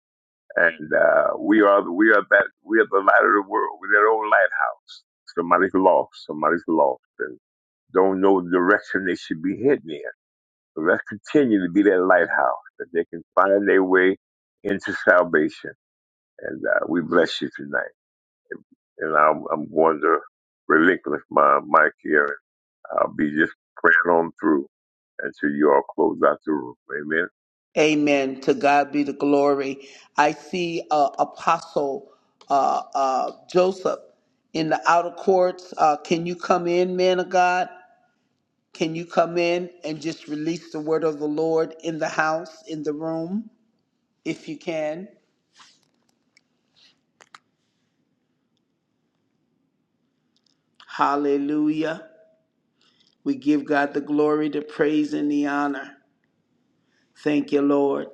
Speaker 3: and uh, we are the, we are that we are the light of the world we're their own lighthouse somebody's lost somebody's lost and don't know the direction they should be heading in so let's continue to be that lighthouse that they can find their way into salvation and uh, we bless you tonight and I'm, I'm going to relinquish my mic here I'll be just praying on through until you all close out the room. Amen.
Speaker 2: Amen. To God be the glory. I see uh, Apostle uh, uh, Joseph in the outer courts. Uh, can you come in, man of God? Can you come in and just release the word of the Lord in the house, in the room, if you can? Hallelujah. We give God the glory, the praise, and the honor. Thank you, Lord.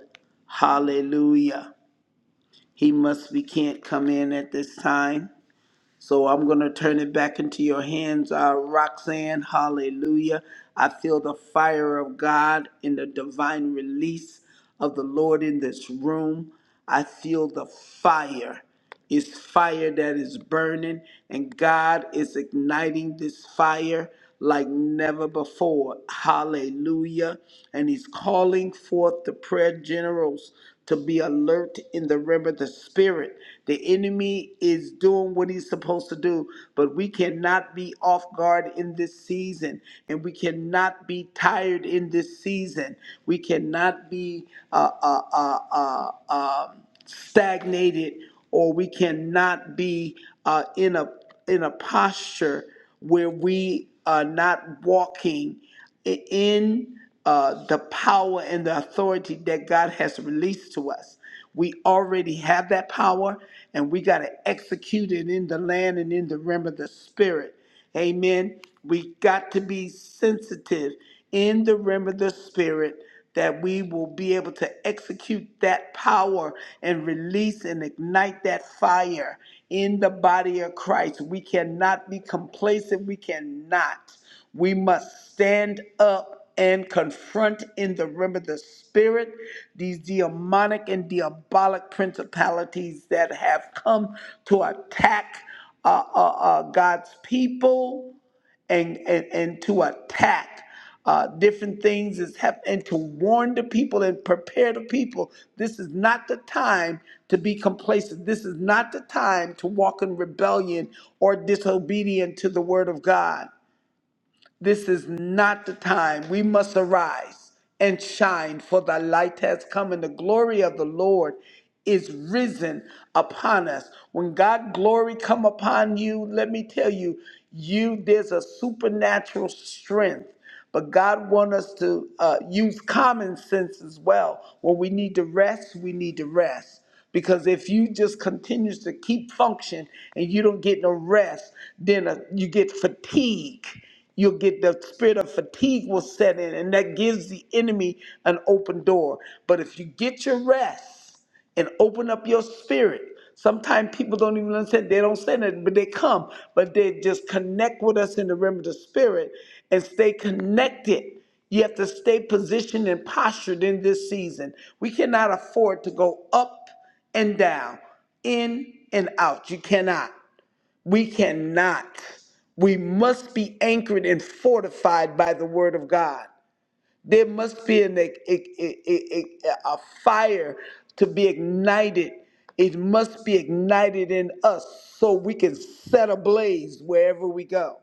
Speaker 2: Hallelujah. He must, we can't come in at this time. So I'm going to turn it back into your hands, uh, Roxanne. Hallelujah. I feel the fire of God in the divine release of the Lord in this room. I feel the fire is fire that is burning, and God is igniting this fire like never before. Hallelujah. And He's calling forth the prayer generals to be alert in the realm of the spirit. The enemy is doing what he's supposed to do, but we cannot be off guard in this season, and we cannot be tired in this season. We cannot be uh, uh, uh, uh, um, stagnated or we cannot be uh, in a in a posture where we are not walking i- in uh, the power and the authority that God has released to us. We already have that power, and we got to execute it in the land and in the realm of the spirit. Amen. We got to be sensitive in the realm of the spirit that we will be able to execute that power and release and ignite that fire in the body of Christ. We cannot be complacent. We cannot. We must stand up and confront in the realm of the spirit these demonic and diabolic principalities that have come to attack uh, uh, uh, God's people and, and, and to attack uh, different things is hap- and to warn the people and prepare the people. This is not the time to be complacent. This is not the time to walk in rebellion or disobedient to the word of God. This is not the time. We must arise and shine, for the light has come, and the glory of the Lord is risen upon us. When God glory come upon you, let me tell you, you there's a supernatural strength. But God wants us to uh, use common sense as well. When we need to rest, we need to rest. Because if you just continues to keep function and you don't get no rest, then uh, you get fatigue. You'll get the spirit of fatigue will set in, and that gives the enemy an open door. But if you get your rest, and open up your spirit. Sometimes people don't even understand. They don't say that, but they come. But they just connect with us in the realm of the spirit and stay connected. You have to stay positioned and postured in this season. We cannot afford to go up and down, in and out. You cannot. We cannot. We must be anchored and fortified by the word of God. There must be an, a, a, a, a, a fire to be ignited. It must be ignited in us so we can set ablaze wherever we go.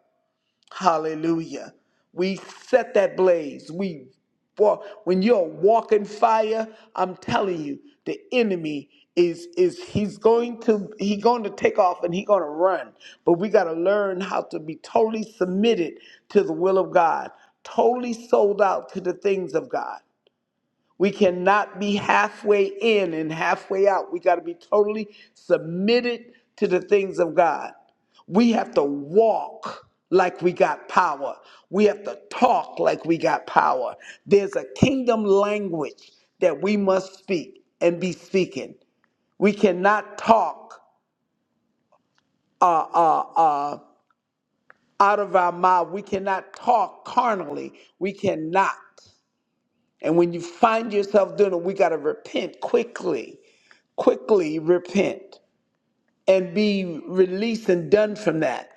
Speaker 2: Hallelujah. We set that blaze. We walk when you're walking fire, I'm telling you, the enemy is is he's going to he's going to take off and he's going to run. But we got to learn how to be totally submitted to the will of God, totally sold out to the things of God. We cannot be halfway in and halfway out. We got to be totally submitted to the things of God. We have to walk like we got power. We have to talk like we got power. There's a kingdom language that we must speak and be speaking. We cannot talk uh, uh, uh, out of our mouth. We cannot talk carnally. We cannot. And when you find yourself doing it, we got to repent quickly quickly repent and be released and done from that.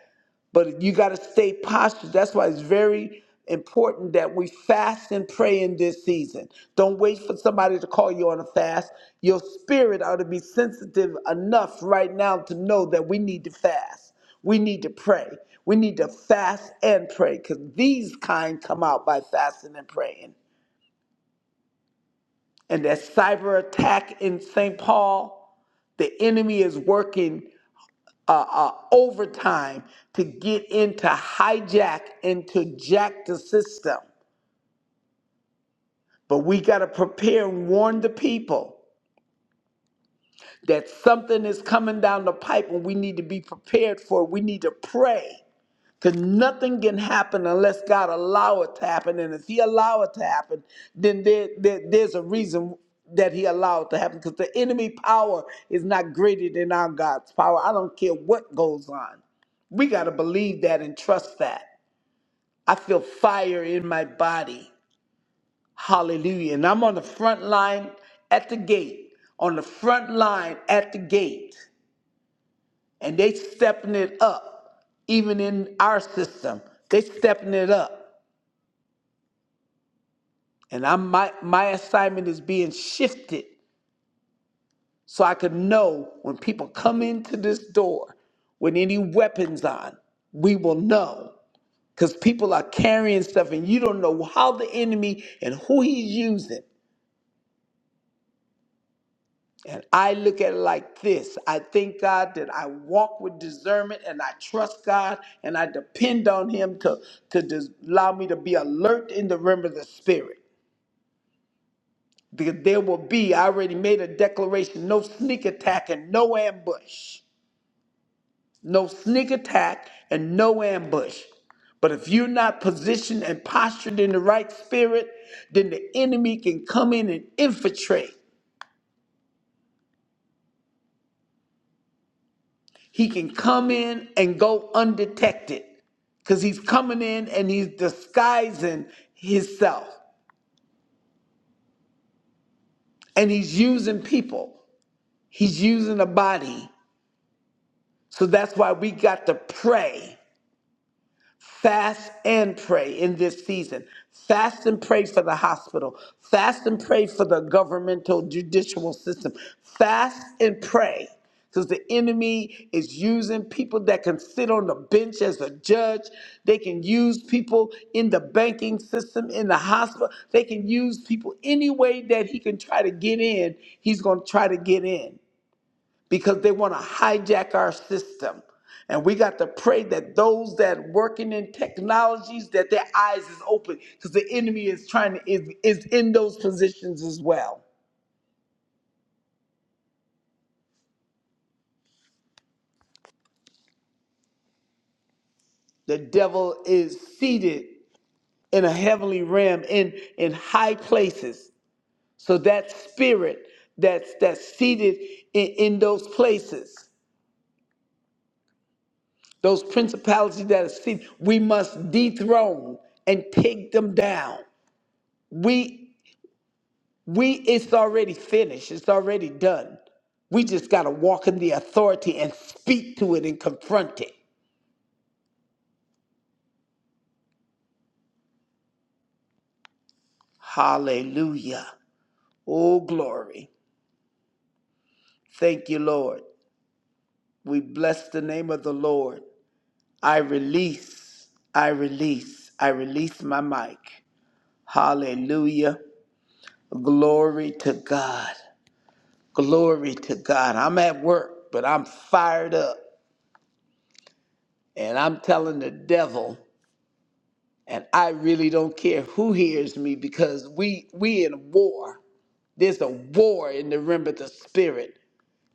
Speaker 2: But you got to stay postured. That's why it's very important that we fast and pray in this season. Don't wait for somebody to call you on a fast. Your spirit ought to be sensitive enough right now to know that we need to fast. We need to pray. We need to fast and pray because these kind come out by fasting and praying and that cyber attack in St. Paul, the enemy is working. uh, uh, overtime to get into hijack and to jack the system. But we got to prepare and warn the people that something is coming down the pipe and we need to be prepared for it. We need to pray because nothing can happen unless God allow it to happen. And if he allow it to happen, then there, there, there's a reason that he allowed to happen because the enemy power is not greater than our God's power. I don't care what goes on. We got to believe that and trust that. I feel fire in my body. Hallelujah. And I'm on the front line at the gate, on the front line at the gate. And they stepping it up, even in our system. They stepping it up. And I'm my my assignment is being shifted so I could know when people come into this door with any weapons on, we will know. Because people are carrying stuff and you don't know how the enemy and who he's using. And I look at it like this I thank God that I walk with discernment and I trust God and I depend on Him to, to dis- allow me to be alert in the realm of the Spirit. Because there will be, I already made a declaration no sneak attack and no ambush. No sneak attack and no ambush. But if you're not positioned and postured in the right spirit, then the enemy can come in and infiltrate He can come in and go undetected because he's coming in and he's disguising himself and he's using people. He's using a body. So that's why we got to pray Fast and pray in this season. Fast and pray for the hospital. Fast and pray for the governmental judicial system. Fast and pray because the enemy is using people that can sit on the bench as a judge. They can use people in the banking system, in the hospital. They can use people any way that he can try to get in, he's going to try to get in because they want to hijack our system. And we got to pray that those that working in technologies that their eyes is open because the enemy is trying to is, is in those positions as well. The devil is seated in a heavenly realm in in high places. So that spirit that's that's seated in, in those places, those principalities that are seated, we must dethrone and take them down. We We it's already finished. It's already done. We just got to walk in the authority and speak to it and confront it. Hallelujah. Oh glory. Thank you, Lord. We bless the name of the Lord. I release. I release. I release my mic. Hallelujah. Glory to God. Glory to God. I'm at work, but I'm fired up. And I'm telling the devil. and I really don't care who hears me because we we in war. There's a war in the realm of the spirit,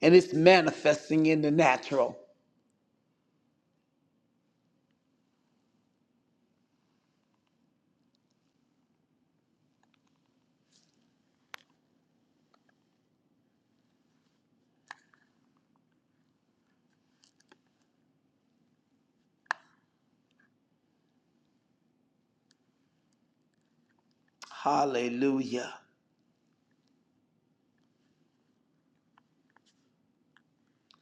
Speaker 2: and it's manifesting in the natural. Hallelujah.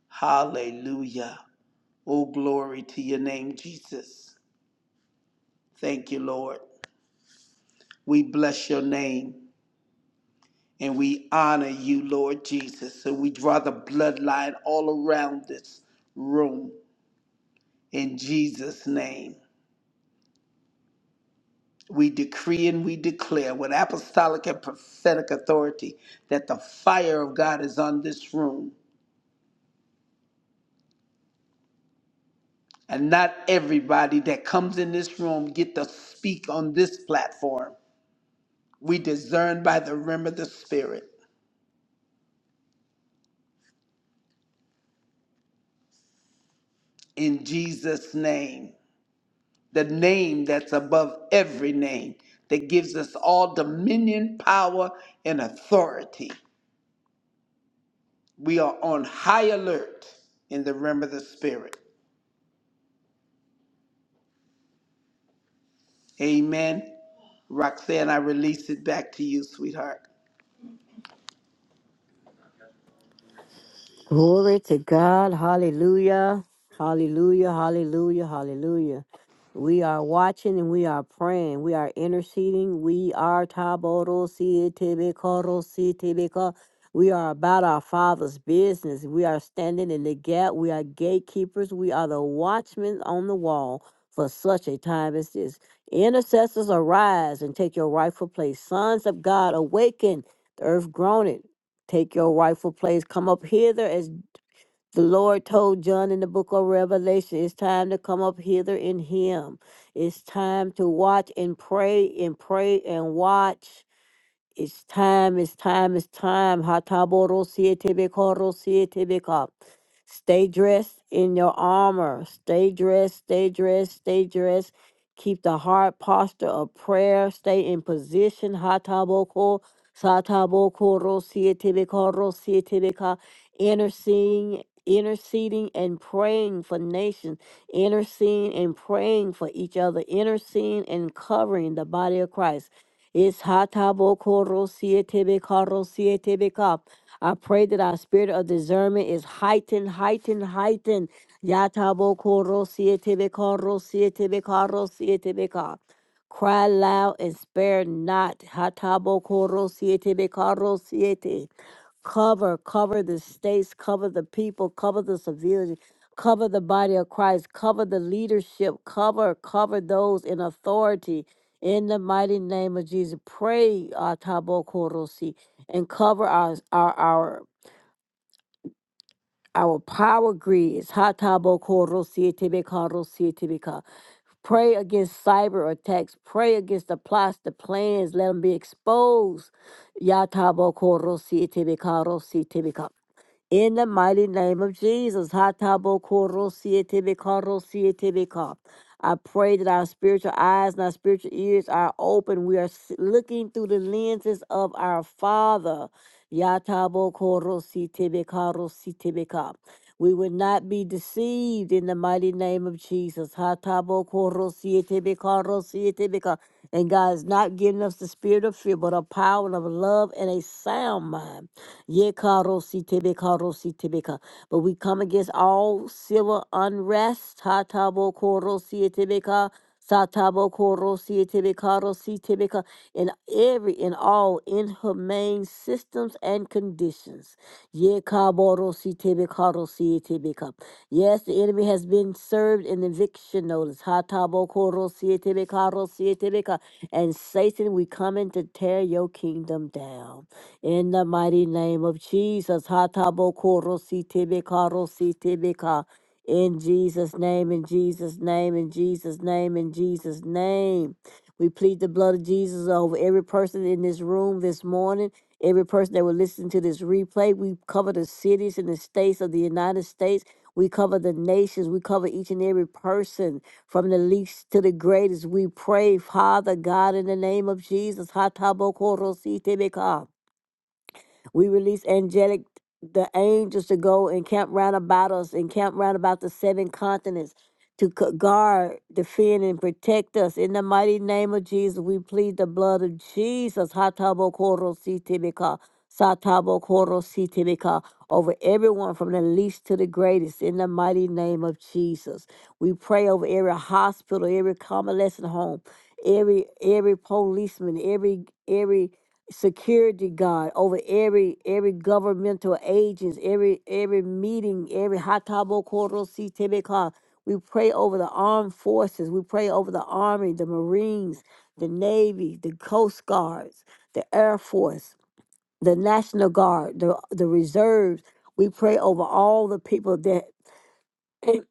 Speaker 2: Hallelujah. Oh, glory to your name, Jesus. Thank you, Lord. We bless your name and we honor you, Lord Jesus. So we draw the bloodline all around this room in Jesus' name. we decree and we declare with apostolic and prophetic authority that the fire of God is on this room. And not everybody that comes in this room get to speak on this platform. We discern by the rim of the Spirit in Jesus' name, the name that's above every name, that gives us all dominion, power, and authority. We are on high alert in the rim of the Spirit. Amen. Roxanne, I release it back to you, sweetheart.
Speaker 1: Glory to God. Hallelujah. Hallelujah. Hallelujah. Hallelujah. We are watching and we are praying. We are interceding. We are taboro si tebe koro si tebe ko. We are about our Father's business. We are standing in the gap. We are gatekeepers. We are the watchmen on the wall for such a time as this. Intercessors, arise and take your rightful place. Sons of God, awaken. The earth groaneth. Take your rightful place. Come up hither as the Lord told John in the book of Revelation, it's time to come up hither in Him. It's time to watch and pray and pray and watch it's time, it's time, it's time. Hataboro sietebekoro sietebeka. Stay dressed in your armor. Stay dressed, stay dressed, stay dressed. Keep the heart posture of prayer. Stay in position. Hataboko satabokoro sietebekoro sietebeka. Interceding, interceding and praying for nations. Interceding and praying for each other. Interceding and covering the body of Christ. It's hatabokoro I pray that our spirit of discernment is heightened, heightened, heightened. Yatabokoro Cry loud and spare not. Hatabokoro cover, cover the states, cover the people, cover the civilians, cover the body of Christ, cover the leadership, cover, cover those in authority. In the mighty name of Jesus, pray uh, Tabo Korosi and cover our our our our power grids. Ha Tabo Korosi tibika. Karosi Tebe Pray against cyber attacks. Pray against the plots, the plans. Let them be exposed. Ya Tabo Korosi Tebe Karosi Tebe in the mighty name of Jesus. Hatabokorosietebeka. I pray that our spiritual eyes and our spiritual ears are open. We are s- looking through the lenses of our Father. Yatabokorositebekarositebeka. We will not be deceived in the mighty name of Jesus. Hatabokorosietebeka. And God is not giving us the spirit of fear, but a power of love and a sound mind. Ye karo si tebe karo si tebe ka. But we come against all civil unrest. Ha tabo koro si tebe ka. Satabo koro si tebe karo si tebe ka. In every and all inhumane systems and conditions. Ye kaboro si tebe karo si tebe ka. Yes, the enemy has been served in eviction notice. Ha tabo koro si tebe karo si tebe ka. And Satan, we come in to tear your kingdom down. In the mighty name of Jesus. Hatabokorositebeka. In Jesus' name, in Jesus' name, in Jesus' name, in Jesus' name. We plead the blood of Jesus over every person in this room this morning, every person that will listen to this replay. We cover the cities and the states of the United States. We cover the nations. We cover each and every person from the least to the greatest. We pray, Father God, in the name of Jesus. Hatabokorositebeka. We release angelic the angels to go and camp round about us and camp round about the seven continents to c- guard, defend, and protect us. In the mighty name of Jesus, we plead the blood of Jesus. Hatabo koro satabo koro over everyone from the least to the greatest. In the mighty name of Jesus, we pray over every hospital, every convalescent home every every policeman, every every security guard, over every every governmental agents, every every meeting, every hatabo koro si tebeka. We pray over the armed forces. We pray over the army, the marines, the navy, the coast guards, the air force, the national guard, the the reserves. We pray over all the people that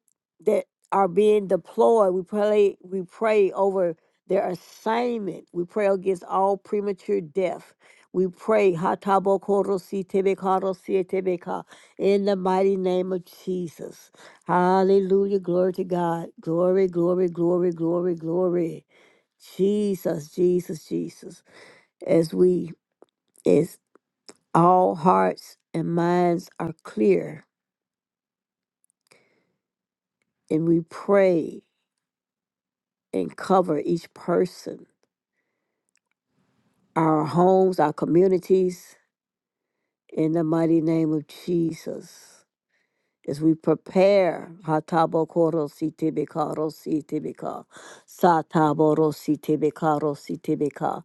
Speaker 1: that are being deployed. We pray we pray over their assignment. We pray against all premature death. We pray "Hatabokorosi tebekarosi etebeka," in the mighty name of Jesus. Hallelujah. Glory to God. Glory, glory, glory, glory, glory. Jesus, Jesus, Jesus. As we as all hearts and minds are clear and we pray and cover each person our homes, our communities, in the mighty name of Jesus. As we prepare, Hatabokoro Sitibikaro Sitibika, Sataboro Sitibikaro Sitibika.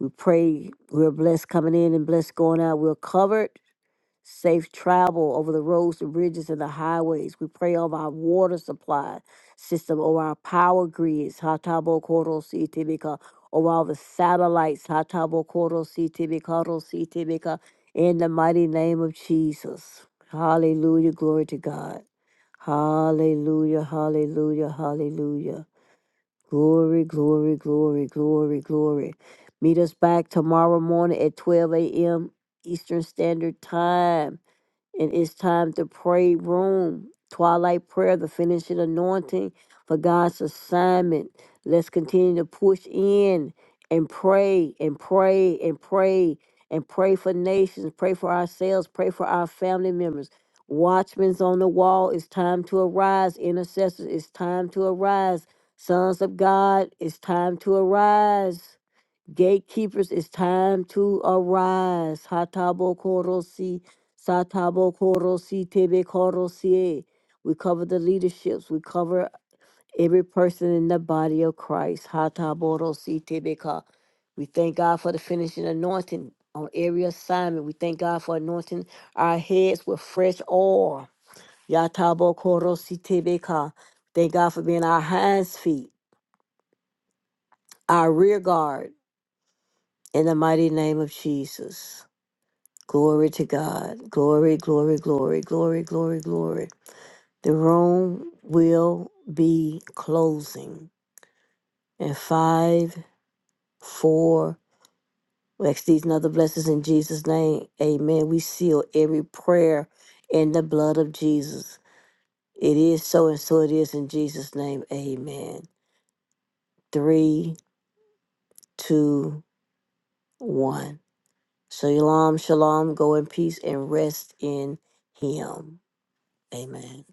Speaker 1: We pray we're blessed coming in and blessed going out. We're covered safe travel over the roads, the bridges, and the highways. We pray over our water supply system, over our power grids, Hatabo Koro Sitibika, over all the satellites, Hatabo Koro Sitibikaro Sitibika, in the mighty name of Jesus. Hallelujah, glory to God. Hallelujah, hallelujah, hallelujah. Glory, glory, glory, glory, glory. Meet us back tomorrow morning at 12 a.m. Eastern Standard Time and it's time to pray room twilight prayer the finishing anointing for god's assignment let's continue to push in and pray and pray and pray and pray for nations pray for ourselves pray for our family members watchmen on the wall it's time to arise intercessors it's time to arise sons of god it's time to arise Gatekeepers, it's time to arise. Hatabo korosi, satabo korosi, tebe korosi. We cover the leaderships. We cover every person in the body of Christ. Hatabo rosi, tebe ka. We thank God for the finishing anointing on every assignment. We thank God for anointing our heads with fresh oil. Yatabo korosi, tebe ka. Thank God for being our hinds feet, our rear guard. In the mighty name of Jesus. Glory to God. Glory, glory, glory, glory, glory, glory. The room will be closing in five, four. We ask these and other blessings in Jesus' name. Amen. We seal every prayer in the blood of Jesus. It is so and so it is in Jesus' name. Amen. Three, two, one. Shalom, shalom. Go in peace and rest in Him. Amen.